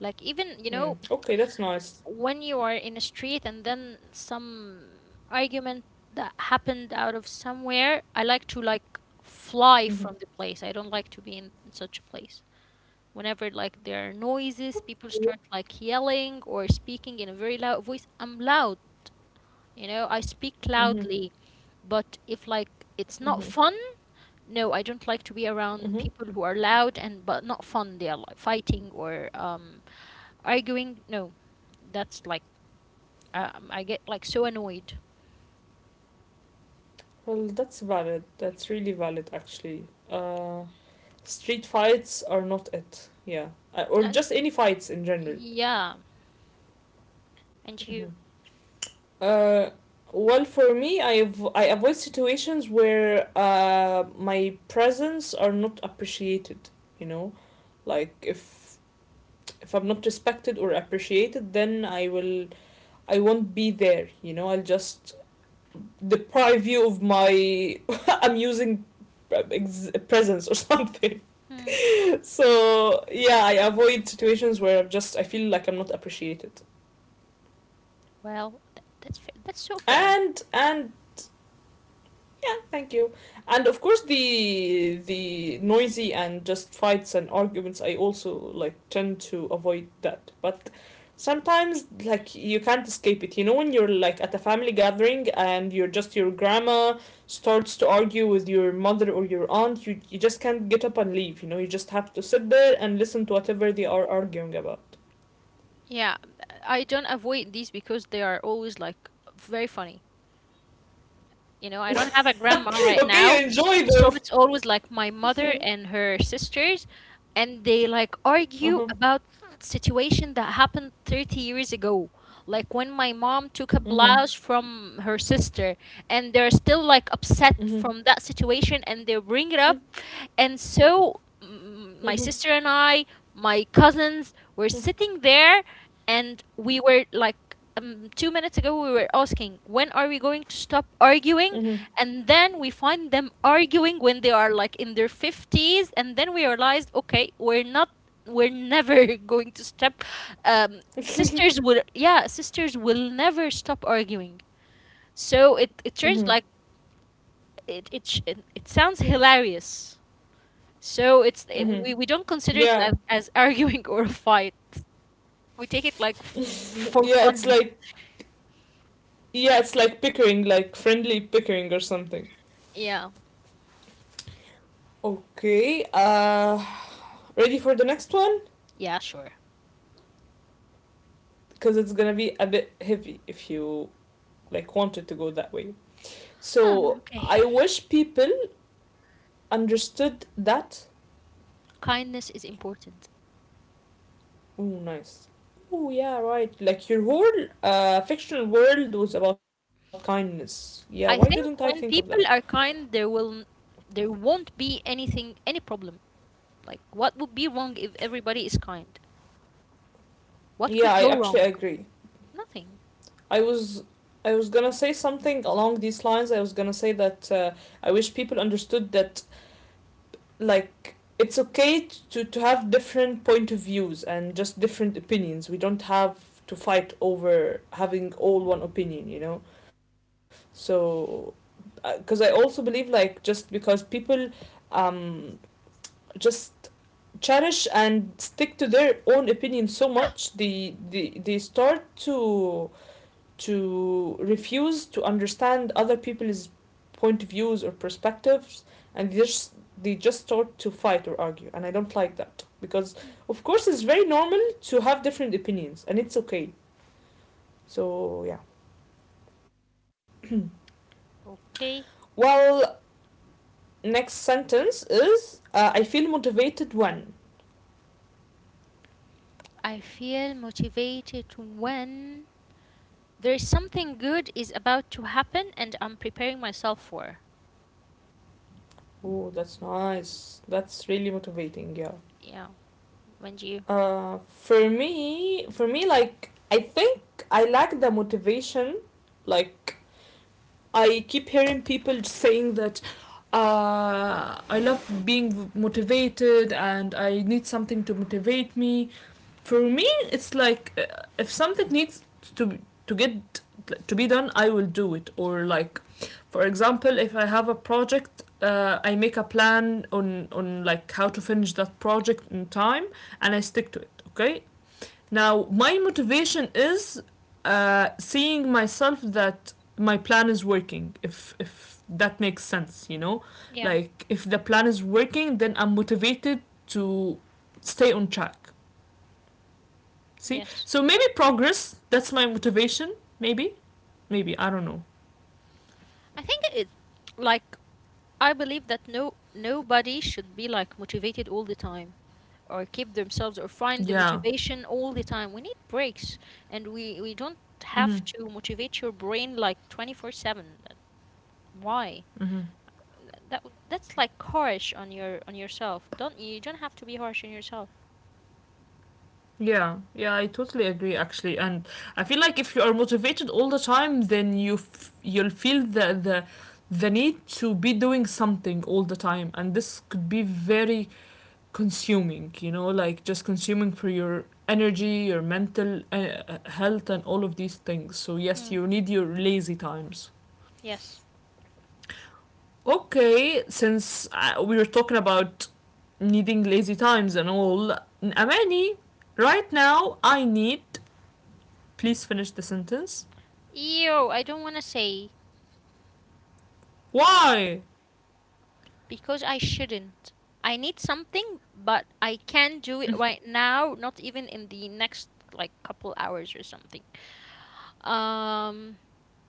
S2: Like, even, you
S1: Mm.
S2: know,
S1: Okay, that's nice.
S2: when you are in a street and then some argument that happened out of somewhere, I like to, like, fly
S1: Mm-hmm.
S2: from the place. I don't like to be in such a place. Whenever, like, there are noises, people start, like, yelling or speaking in a very loud voice, I'm loud, you know, I speak
S1: Mm-hmm.
S2: loudly. But if, like, it's not
S1: Mm-hmm.
S2: fun, no, I don't like to be around
S1: Mm-hmm.
S2: people who are loud and but not fun. They are like fighting or arguing. No, that's like I get like so annoyed.
S1: Well, that's valid. That's really valid, actually. Street fights are not it. Yeah. Or
S2: And,
S1: just any fights in general.
S2: yeah, and you.
S1: Mm-hmm. Uh, well, for me, I avoid situations where my presence are not appreciated, you know? Like, if I'm not respected or appreciated, then I won't be there, you know? I'll just deprive you of my *laughs* I'm using presence or *laughs* something.
S2: Hmm,
S1: So yeah, I avoid situations where I'm just I feel like I'm not appreciated
S2: well, th- that's fa- that's so fair.
S1: and yeah, thank you. And of course the noisy and just fights and arguments I also like tend to avoid that, but sometimes like you can't escape it, you know, when you're like at a family gathering and you're just your grandma starts to argue with your mother or your aunt, you just can't get up and leave, you know, you just have to sit there and listen to whatever they are arguing about.
S2: Yeah, I don't avoid these because they are always like very funny. You know, I don't have a grandma
S1: *laughs*
S2: right now.
S1: Okay, enjoy
S2: So
S1: them.
S2: it's always like my mother and her sisters, and they like
S1: Uh
S2: argue
S1: huh.
S2: about situation that happened 30 years ago. Like when my mom took a blouse from her sister, and they're still like upset from that situation, and they bring it up and so m- my sister and I, my cousins, were sitting there and we were like, 2 minutes ago, we were asking, when are we going to stop arguing? And then we find them arguing when they are like in their 50s. And then we realized, okay, we're not, we're never *laughs* going to stop. Um, sisters will, yeah, sisters will never stop arguing. So it turns like, it, sh- it sounds hilarious. So it's it, we don't consider it like
S1: Yeah,
S2: as *laughs* arguing or a fight. We take it like f- for
S1: yeah, it's
S2: fun.
S1: like yeah, it's like pickering, like friendly pickering or something.
S2: Yeah.
S1: Okay, ready for the next one?
S2: Yeah, sure.
S1: Because it's gonna be a bit heavy if you like wanted to go that way.
S2: Huh,
S1: So
S2: okay.
S1: I wish people understood that.
S2: Kindness is important.
S1: Oh, nice. Oh, yeah, right. Like your whole fictional world was about kindness. Yeah, why didn't I
S2: I
S1: think of
S2: think
S1: that?
S2: when people are kind, there will n- there won't be anything any problem. Like what would be wrong if everybody is kind? What
S1: Yeah,
S2: could
S1: I
S2: go
S1: actually
S2: wrong?
S1: agree.
S2: Nothing.
S1: I was I was gonna say something along these lines. I was gonna say that I wish people understood that like it's okay to have different point of views and just different opinions. We don't have to fight over having all one opinion, you know. So, because I also believe like just because people um just cherish and stick to their own opinion so much they start to refuse to understand other people's point of views or perspectives, and they just start to fight or argue, and I don't like that because of course it's very normal to have different opinions and it's okay. So yeah,
S2: Okay.
S1: well, next sentence is I feel motivated when.
S2: I feel motivated when there is something good is about to happen and I'm preparing myself for.
S1: Oh, that's nice. That's really motivating, yeah.
S2: Yeah. When do you?
S1: Uh, for me, like I think I lack the motivation. Like I keep hearing people saying that I love being motivated and I need something to motivate me. For me, it's like if something needs to to get to be done, I will do it. Or like, for example, if I have a project, I make a plan on like how to finish that project in time and I stick to it. Okay, now, my motivation is seeing myself that my plan is working, if that makes sense, you know?
S2: Yeah,
S1: Like, if the plan is working, then I'm motivated to stay on track. See?
S2: yes.
S1: So maybe progress, that's my motivation. Maybe. Maybe. I don't know.
S2: I think it's like I believe that no nobody should be like motivated all the time or keep themselves or find the
S1: Yeah.
S2: motivation all the time. We need breaks and we don't
S1: Mm hmm.
S2: have to motivate your brain like 24/7. That- Why?
S1: Mm hmm.
S2: Th- That w- that's like harsh on your on yourself. Don't you don't have to be harsh on yourself.
S1: Yeah, yeah, I totally agree actually. And I feel like if you are motivated all the time, then you'll feel the need to be doing something all the time, and this could be very consuming, you know, like just consuming for your energy, your mental health and all of these things. So yes,
S2: Mm.
S1: you need your lazy times.
S2: Yes.
S1: Okay, since we were talking about needing lazy times and all, Amani, right now I need. Please finish the sentence.
S2: Ew, I don't want to say.
S1: Why?
S2: Because I shouldn't. I need something, but I can't do it right now, not even in the next like couple hours or something. Um,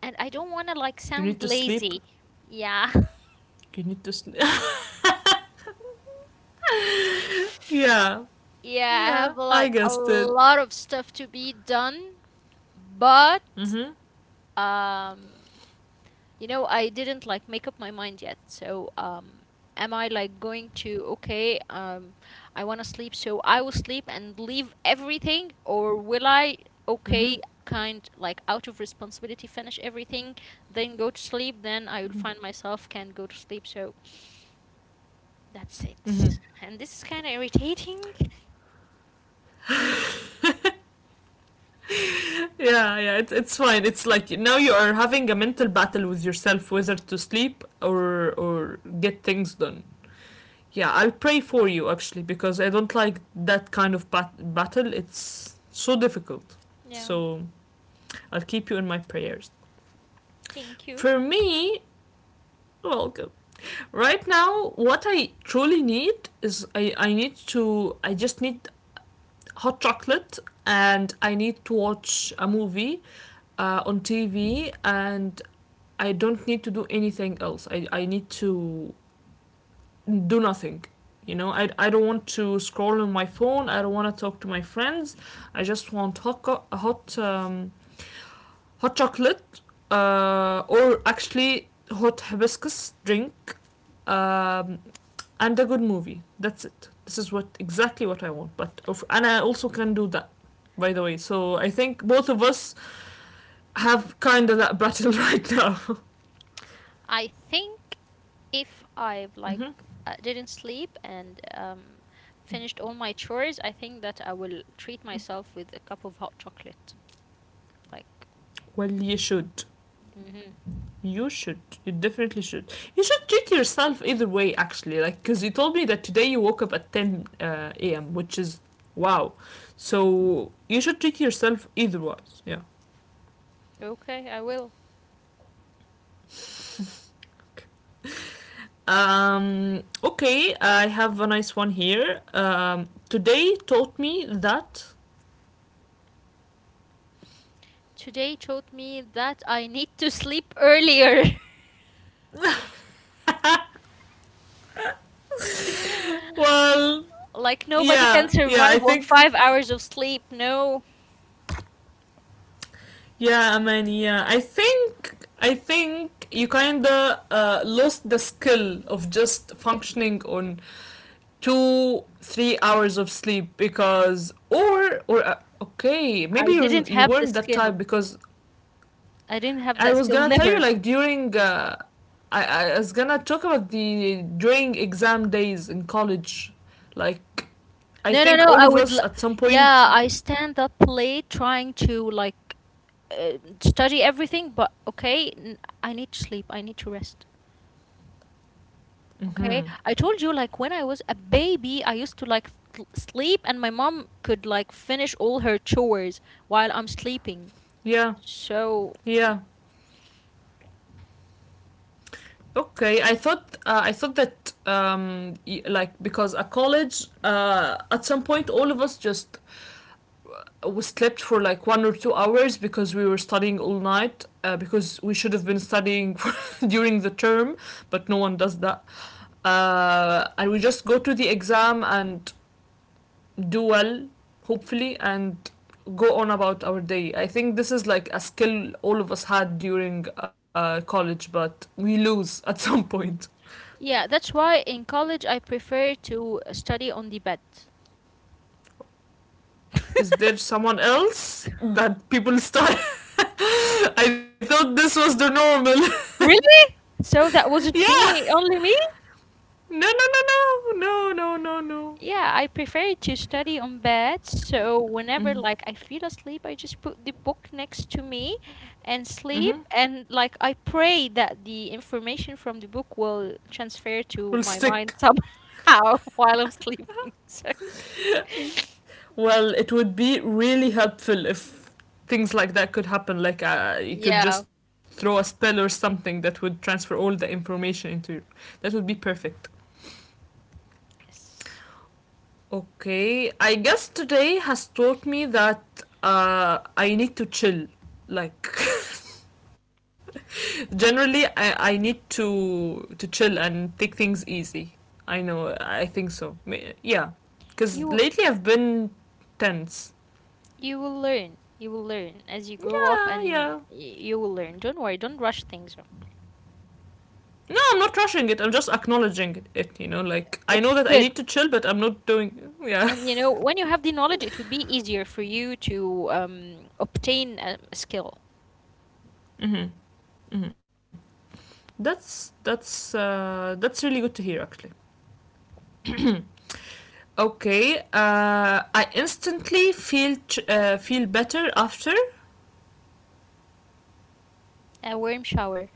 S2: and I don't want to like
S1: You need
S2: sound
S1: to sleep.
S2: lazy. Yeah. *laughs*
S1: You need to sleep. *laughs* Yeah,
S2: Yeah, I
S1: yeah,
S2: have
S1: I
S2: like a
S1: guessed it.
S2: lot of stuff to be done,
S1: Mm
S2: but
S1: hmm,
S2: um you know, I didn't like make up my mind yet. So, am I like going to, okay, I want to sleep, so I will sleep and leave everything, or will I,
S1: mm hmm,
S2: okay, kind like out of responsibility, finish everything, then go to sleep, then I will
S1: mm
S2: find myself can't go to sleep. So that's
S1: hmm, mm
S2: it. And this is kind of irritating.
S1: hmm. *laughs* Yeah, yeah, it's fine. It's like now you are having a mental battle with yourself whether to sleep or get things done. Yeah, I'll pray for you actually because I don't like that kind of battle. It's so difficult.
S2: Yeah.
S1: So I'll keep you in my prayers.
S2: Thank you.
S1: For me, well, right now, what I truly need is I just need hot chocolate and I need to watch a movie on TV, and I don't need to do anything else. I need to do nothing. You know, I don't want to scroll on my phone. I don't want to talk to my friends. I just want hot, um, hot chocolate or actually hot hibiscus drink, um, and a good movie. That's it. This is what exactly what I want. But of, and I also can do that, by the way. So I think both of us have kind of that *laughs* battle right now.
S2: I think if I've
S1: *laughs*
S2: like
S1: Hmm.
S2: didn't sleep and finished all my chores, I think that I will treat myself with a cup of hot chocolate. Like,
S1: Well, you should.
S2: mm-hmm.
S1: You should. You definitely should. You should treat yourself either way, actually. Like, because you told me that today you woke up at 10 a.m., which is wow. So you should treat yourself either way. Yeah.
S2: Okay, I will.
S1: Okay, I have a nice one here. Today taught me that.
S2: Today taught me that I need to sleep earlier.
S1: Well,
S2: *laughs* Like nobody can
S1: yeah, yeah. I
S2: survive on
S1: think,
S2: 5 hours of sleep. No,
S1: yeah. I think you kind of lost the skill of just functioning on 2, 3 hours of sleep because, or, okay,
S2: I
S1: maybe you
S2: didn't
S1: you
S2: have the
S1: weren't that type
S2: skill.
S1: because
S2: I didn't have
S1: I
S2: that
S1: was
S2: skill.
S1: gonna tell you
S2: Never.
S1: like during. I was gonna talk about the during exam days in college, like I
S2: No, no,
S1: think
S2: no.
S1: all
S2: I
S1: of
S2: would.
S1: us
S2: L-
S1: at some point.
S2: yeah, I stand up late trying to like study everything, but okay, n- I need to sleep. I need to rest. Okay,
S1: Hmm.
S2: I told you like when I was a baby, I used to like th- sleep, and my mom could like finish all her chores while I'm sleeping.
S1: Yeah,
S2: So
S1: yeah. Okay, I thought that like because at college at some point all of us just we slept for like 1 or 2 hours because we were studying all night because we should have been studying *laughs* during the term but no one does that, and we just go to the exam and do well, hopefully, and go on about our day. I think this is like a skill all of us had during college but we lose at *laughs* some point.
S2: yeah, that's why in college I prefer to study on the bed.
S1: Is there
S2: *laughs*
S1: someone else that people start? *laughs* I thought this was the normal.
S2: Really? So that
S1: *laughs*
S2: wasn't
S1: Yeah.
S2: me, only me?
S1: No, no, no, no, no, no, no, no.
S2: Yeah, I prefer to study on bed. So whenever like I feel asleep, I just put the book next to me and sleep
S1: Mm-hmm.
S2: and like I pray that the information from the book will transfer
S1: Will
S2: to my
S1: stick.
S2: mind somehow *laughs* while I'm sleeping. *laughs* So
S1: Well, it would be really helpful if things like that could happen. Like you could
S2: yeah.
S1: just throw a spell or something that would transfer all the information into. Your... That would be perfect.
S2: Yes.
S1: Okay, I guess today has taught me that I need to chill. Like. *laughs* Generally, I need to chill and take things easy. I know. I think so. Yeah,
S2: You
S1: because lately I've been tense.
S2: you will learn. You will learn as you grow up and
S1: Yeah,
S2: y-
S1: yeah.
S2: you will learn. Don't worry, don't rush things.
S1: No, I'm not rushing it. I'm just acknowledging it. You know, like I
S2: It's
S1: know that
S2: good.
S1: I need to chill, but I'm not doing.
S2: And you
S1: Yeah. *laughs*
S2: know, when you have the knowledge, it would be easier for you to obtain a skill,
S1: Hmm. Hmm. That's that's really good to hear, actually. Okay. I instantly feel feel better after.
S2: a worm shower,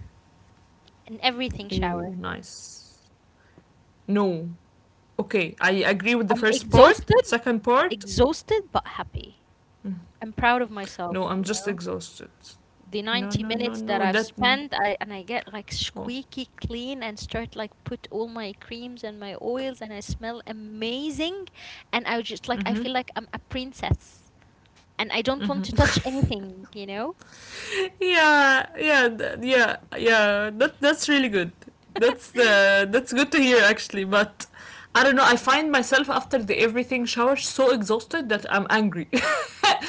S2: an everything
S1: Oh,
S2: shower.
S1: nice. No, okay, I agree with the
S2: I'm
S1: first part.
S2: exhausted,
S1: Second part,
S2: exhausted, but happy.
S1: mm,
S2: I'm proud of
S1: no,
S2: myself,
S1: I'm
S2: you
S1: just
S2: know.
S1: exhausted.
S2: The
S1: No,
S2: 90
S1: no, no,
S2: minutes that
S1: no.
S2: I've
S1: That.
S2: spent, I, and I get like
S1: Oh.
S2: squeaky clean and start like put all my creams and my oils, and I smell amazing. And I was just like, I
S1: Mm-hmm.
S2: feel like I'm a princess, and I don't want
S1: Mm-hmm.
S2: to touch anything, you know. *laughs*
S1: *laughs* Yeah, yeah, yeah, yeah. That's really good. That's good to hear actually. But I don't know. I find myself after the everything shower so exhausted that I'm angry.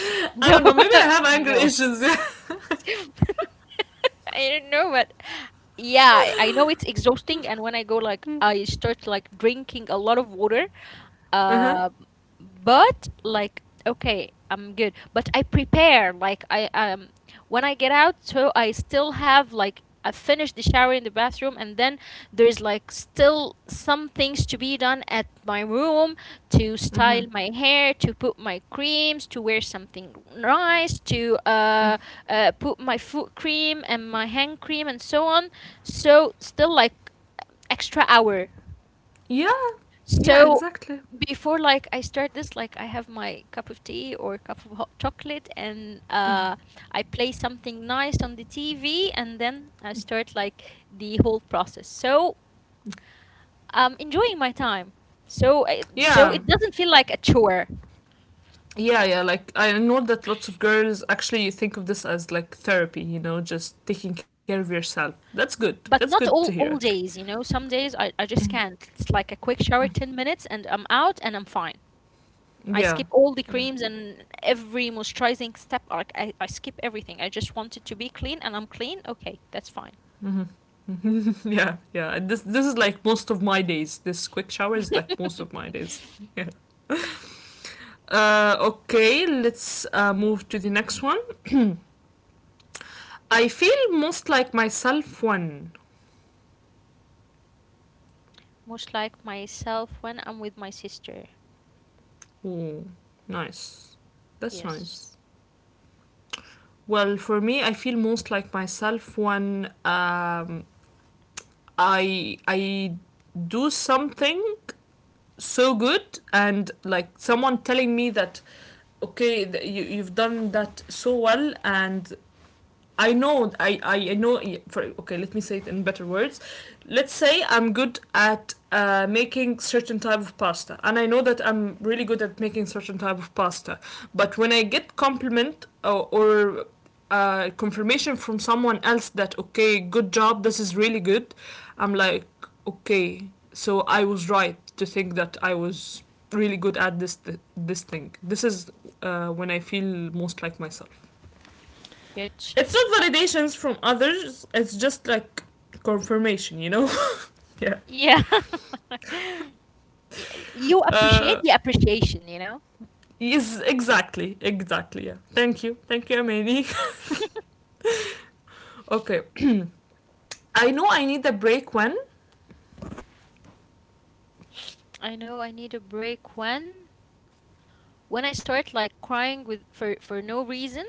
S1: *laughs* I
S2: No,
S1: don't know. Maybe I have
S2: *laughs*
S1: anger
S2: no.
S1: issues. Yeah. *laughs*
S2: *laughs* I don't know, but yeah, I know it's exhausting. And when I go, like, I start like drinking a lot of water,
S1: Uh-huh.
S2: um, but like okay, I'm good. But I prepare like I when I get out, so I still have like I finish the shower in the bathroom, and then there is like still some things to be done at my room to
S1: Mm-hmm.
S2: style my hair, to put my creams, to wear something nice, to
S1: Mm-hmm.
S2: put my foot cream and my hand cream and so on. So still like extra hour
S1: Yeah. Yeah.
S2: so
S1: Exactly.
S2: before like I start this, like I have my cup of tea or cup of hot chocolate and
S1: Hmm.
S2: I play something nice on the TV and then I start like the whole process. So I'm enjoying my time. So I- so
S1: Yeah.
S2: it doesn't feel like a chore.
S1: Yeah, yeah, like I know that lots of girls actually think of this as like therapy, you know, just taking care of yourself. That's good. That's
S2: But
S1: good to
S2: not
S1: hear,
S2: all
S1: actually.
S2: all days, you know. Some days I just can't. It's like a quick shower, 10 minutes and I'm out and I'm fine. I
S1: Yeah.
S2: skip all the
S1: Yeah.
S2: creams and every moisturizing step. Like I skip everything. I just want it to be clean and I'm clean. Okay, that's fine.
S1: Hmm. *laughs* Yeah, yeah. And this is like most of my days. This quick shower is like most of
S2: *laughs*
S1: my days. *laughs* Yeah. Okay, let's move to the next one. I feel most like myself when.
S2: Most like myself when I'm with my sister.
S1: Oh, nice. That's
S2: Yes.
S1: nice. Well, for me, I feel most like myself when I do something so good and like someone telling me that, okay, you, you've done that so well. And I know I know for okay, let me say it in better words. Let's say I'm good at making certain type of pasta and I know that I'm really good at making certain type of pasta. But when I get compliment, or confirmation from someone else that, okay, good job, this is really good, I'm like, okay, so I was right to think that I was really good at this thing. This is when I feel most like myself.
S2: Good.
S1: It's not validations from others, it's just like confirmation, you know? *laughs* Yeah.
S2: Yeah. *laughs* Y- you appreciate
S1: Uh,
S2: the appreciation, you know?
S1: yes, exactly, exactly, yeah. Thank you, Amani.
S2: *laughs*
S1: *laughs* Okay, I know I need a break when.
S2: I know I need a break when I start like crying with for no reason.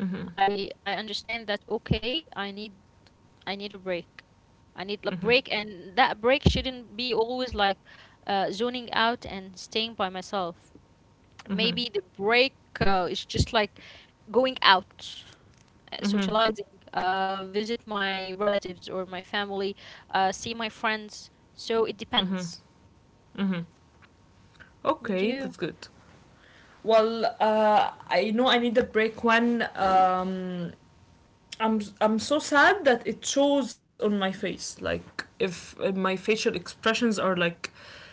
S1: Mm-hmm,
S2: I understand that okay, I need a break. I need a
S1: mm-hmm,
S2: break, and that break shouldn't be always like zoning out and staying by myself.
S1: mm-hmm,
S2: Maybe the break is just like going out,
S1: mm-hmm,
S2: socializing, visit my relatives or my family, see my friends. So it depends.
S1: mm-hmm.
S2: And
S1: Okay,
S2: you,
S1: that's good. Well, I know I need a break when I'm so sad that it shows on my face. Like if my facial expressions are like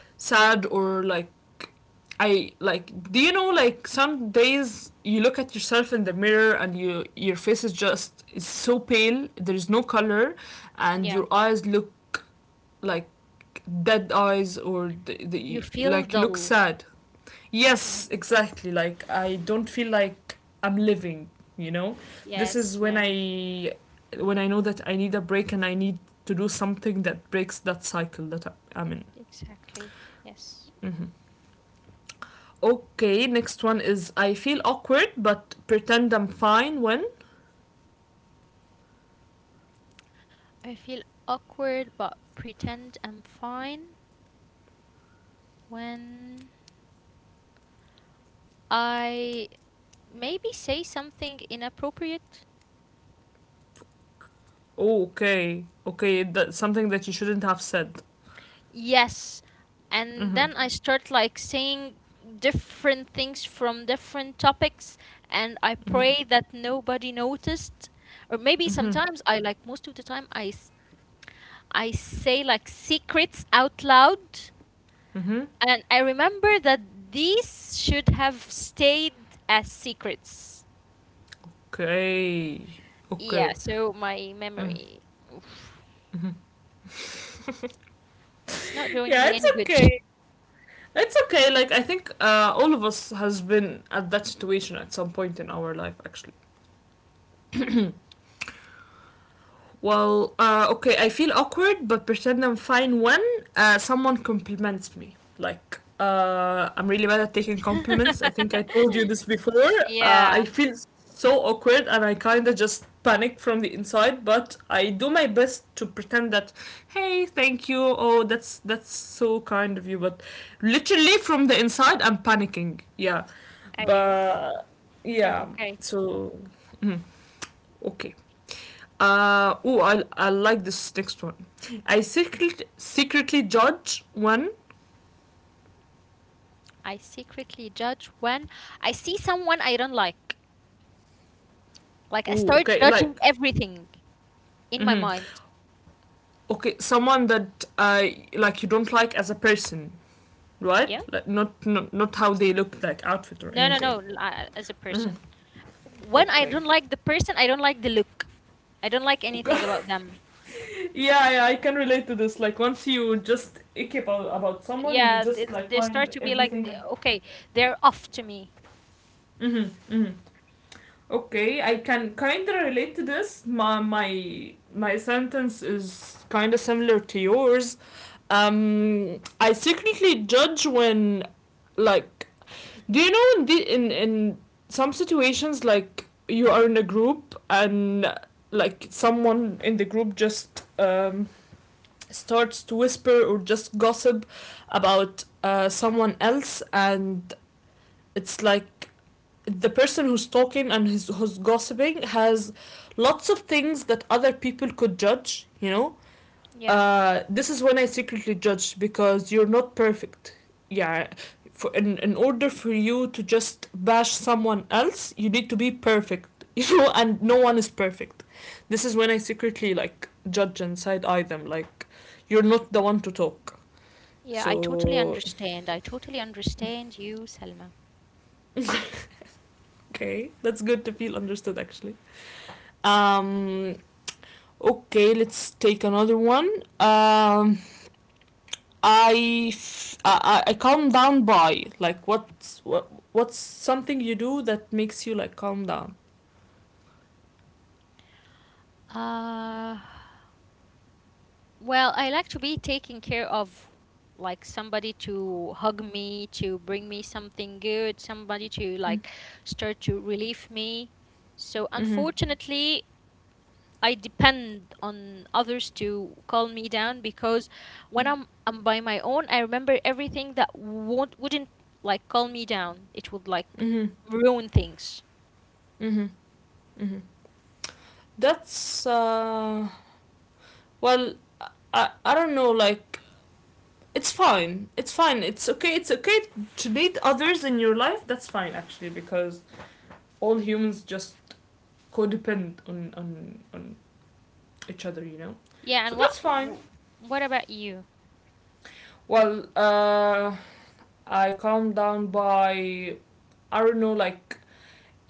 S1: sad, or like I like, do you know, like some days you look at yourself in the mirror and you your face is just is so pale, there's no color
S2: yeah,
S1: and your eyes look like dead eyes, or the,
S2: you
S1: the
S2: feel
S1: like you look
S2: dull.
S1: sad. Yes,
S2: Yes.
S1: exactly, like I don't feel like I'm living, you know, this
S2: Yes,
S1: is when
S2: yeah,
S1: I, when I know that I need a break and I need to do something that breaks that cycle that I- I'm in.
S2: exactly. Yes.
S1: Okay, next one is I feel awkward but pretend I'm fine when.
S2: I feel awkward, but pretend I'm fine. When I maybe say something inappropriate?
S1: Okay, okay, that's something that you shouldn't have said.
S2: Yes. And
S1: Mm-hmm.
S2: then I start like saying different things from different topics and I pray that nobody noticed. Or maybe sometimes I like most of the time I s- I say like secrets out loud
S1: Mm-hmm.
S2: and I remember that these should have stayed as secrets.
S1: Okay.
S2: Yeah,
S1: Okay.
S2: so my memory oof, it's not doing
S1: Yeah,
S2: me
S1: it's
S2: any good.
S1: okay. It's okay. Like I think all of us has been at that situation at some point in our life, actually.
S2: Hmm.
S1: Well, okay, I feel awkward, but pretend I'm fine when someone compliments me. Like, I'm really bad at taking compliments. I think
S2: *laughs*
S1: I told you this before. I
S2: Yeah.
S1: feel so awkward and I kind of just panic from the inside, but I do my best to pretend that, hey, thank you. Oh, that's so kind of you. But literally from the inside, I'm panicking. Yeah,
S2: I
S1: but
S2: oh,
S1: yeah.
S2: okay.
S1: So, mhm, okay. Oh, I like this next one. I secretly judge one.
S2: I secretly judge when I see someone I don't like. Like I
S1: Oh,
S2: start
S1: okay,
S2: judging
S1: like,
S2: everything in my
S1: hmm,
S2: mind.
S1: okay, someone that I like you don't like as a person, right?
S2: Yeah.
S1: Like, not, not, not how they look like outfit or
S2: No, no,
S1: anything.
S2: no. l- I- As a
S1: Mhm.
S2: person, when I
S1: Okay.
S2: don't like the person, I don't like the look. I don't like
S1: Okay.
S2: anything about them.
S1: *laughs* Yeah, yeah, I can relate to this. Like, once you just ick about someone, you
S2: Yeah,
S1: just
S2: it's,
S1: like
S2: they
S1: find
S2: start to be like,
S1: everything.
S2: okay, they're off to me.
S1: Mm-hmm, mm-hmm. Okay, I can kind of relate to this. My sentence is kind of similar to yours. I secretly judge when, like, do you know, in the in some situations, like you are in a group and like someone in the group just starts to whisper or just gossip about someone else, and it's like the person who's talking and who's gossiping has lots of things that other people could judge, you know?
S2: Yeah.
S1: This is when I secretly judge, because you're not perfect. Yeah, for, in order for you to just bash someone else, you need to be perfect, *laughs* you know? And no one is perfect. This is when I secretly, like, judge and side eye them. Like, you're not the one to talk.
S2: Yeah, I totally
S1: So,
S2: understand. I totally understand you, Selma.
S1: *laughs* okay, that's good to feel understood, actually. Um, Okay, let's take another one. Um, I, f- I calm down by like what's what's something you do that makes you like calm down.
S2: Uh, well, I like to be taken care of, like somebody to hug me, to bring me something good, somebody to like start to relieve me. So
S1: Mm-hmm.
S2: unfortunately, I depend on others to calm me down because when
S1: Mm-hmm.
S2: I'm by my own, I remember everything that won't wouldn't like calm me down. It would like
S1: Mm-hmm.
S2: ruin things.
S1: Mm-hmm. Mm-hmm. That's uh, well, I don't know, like, it's fine, it's fine, it's okay, it's okay to need others in your life, that's fine actually, because all humans just codepend on each other, you know,
S2: Yeah, and
S1: so
S2: what
S1: that's fine.
S2: wh- what about you?
S1: Well, I calmed down by, I don't know, like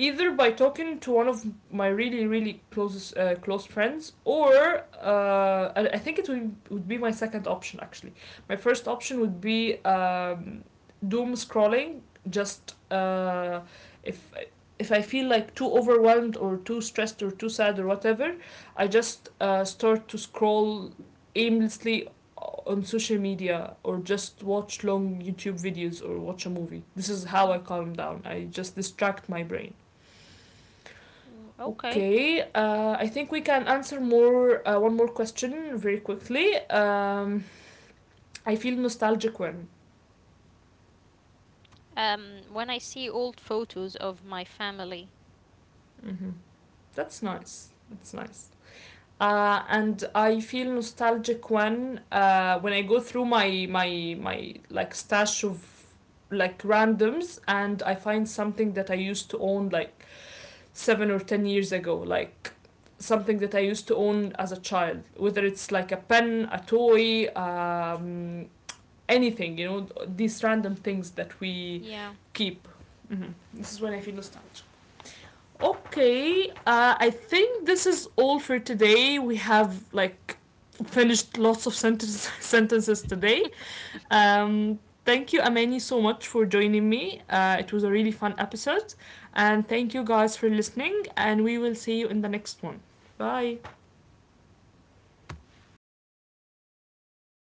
S1: either by talking to one of my really really closest close friends, or I think it would be my second option, actually. My first option would be doom scrolling, just if. If I feel like too overwhelmed or too stressed or too sad or whatever, I just start to scroll aimlessly on social media or just watch long YouTube videos or watch a movie. This is how I
S2: Mm,
S1: calm down. I just distract my brain.
S2: mm, okay.
S1: Okay, I think we can answer more one more question very quickly. I feel nostalgic when.
S2: When I see old photos of my family,
S1: Hmm. That's nice. That's nice. And I feel nostalgic when I go through my like stash of like randoms and I find something that I used to own like 7 or 10 years ago, like something that I used to own as a child, whether it's like a pen, a toy, anything, you know, these random things that we
S2: yeah,
S1: keep. Mhm. This is when I feel nostalgic. Okay, I think this is all for today. We have like finished lots of *laughs* sentences today. Um, thank you, Amani, so much for joining me. It was a really fun episode. And thank you guys for listening. And we will see you in the next one. Bye.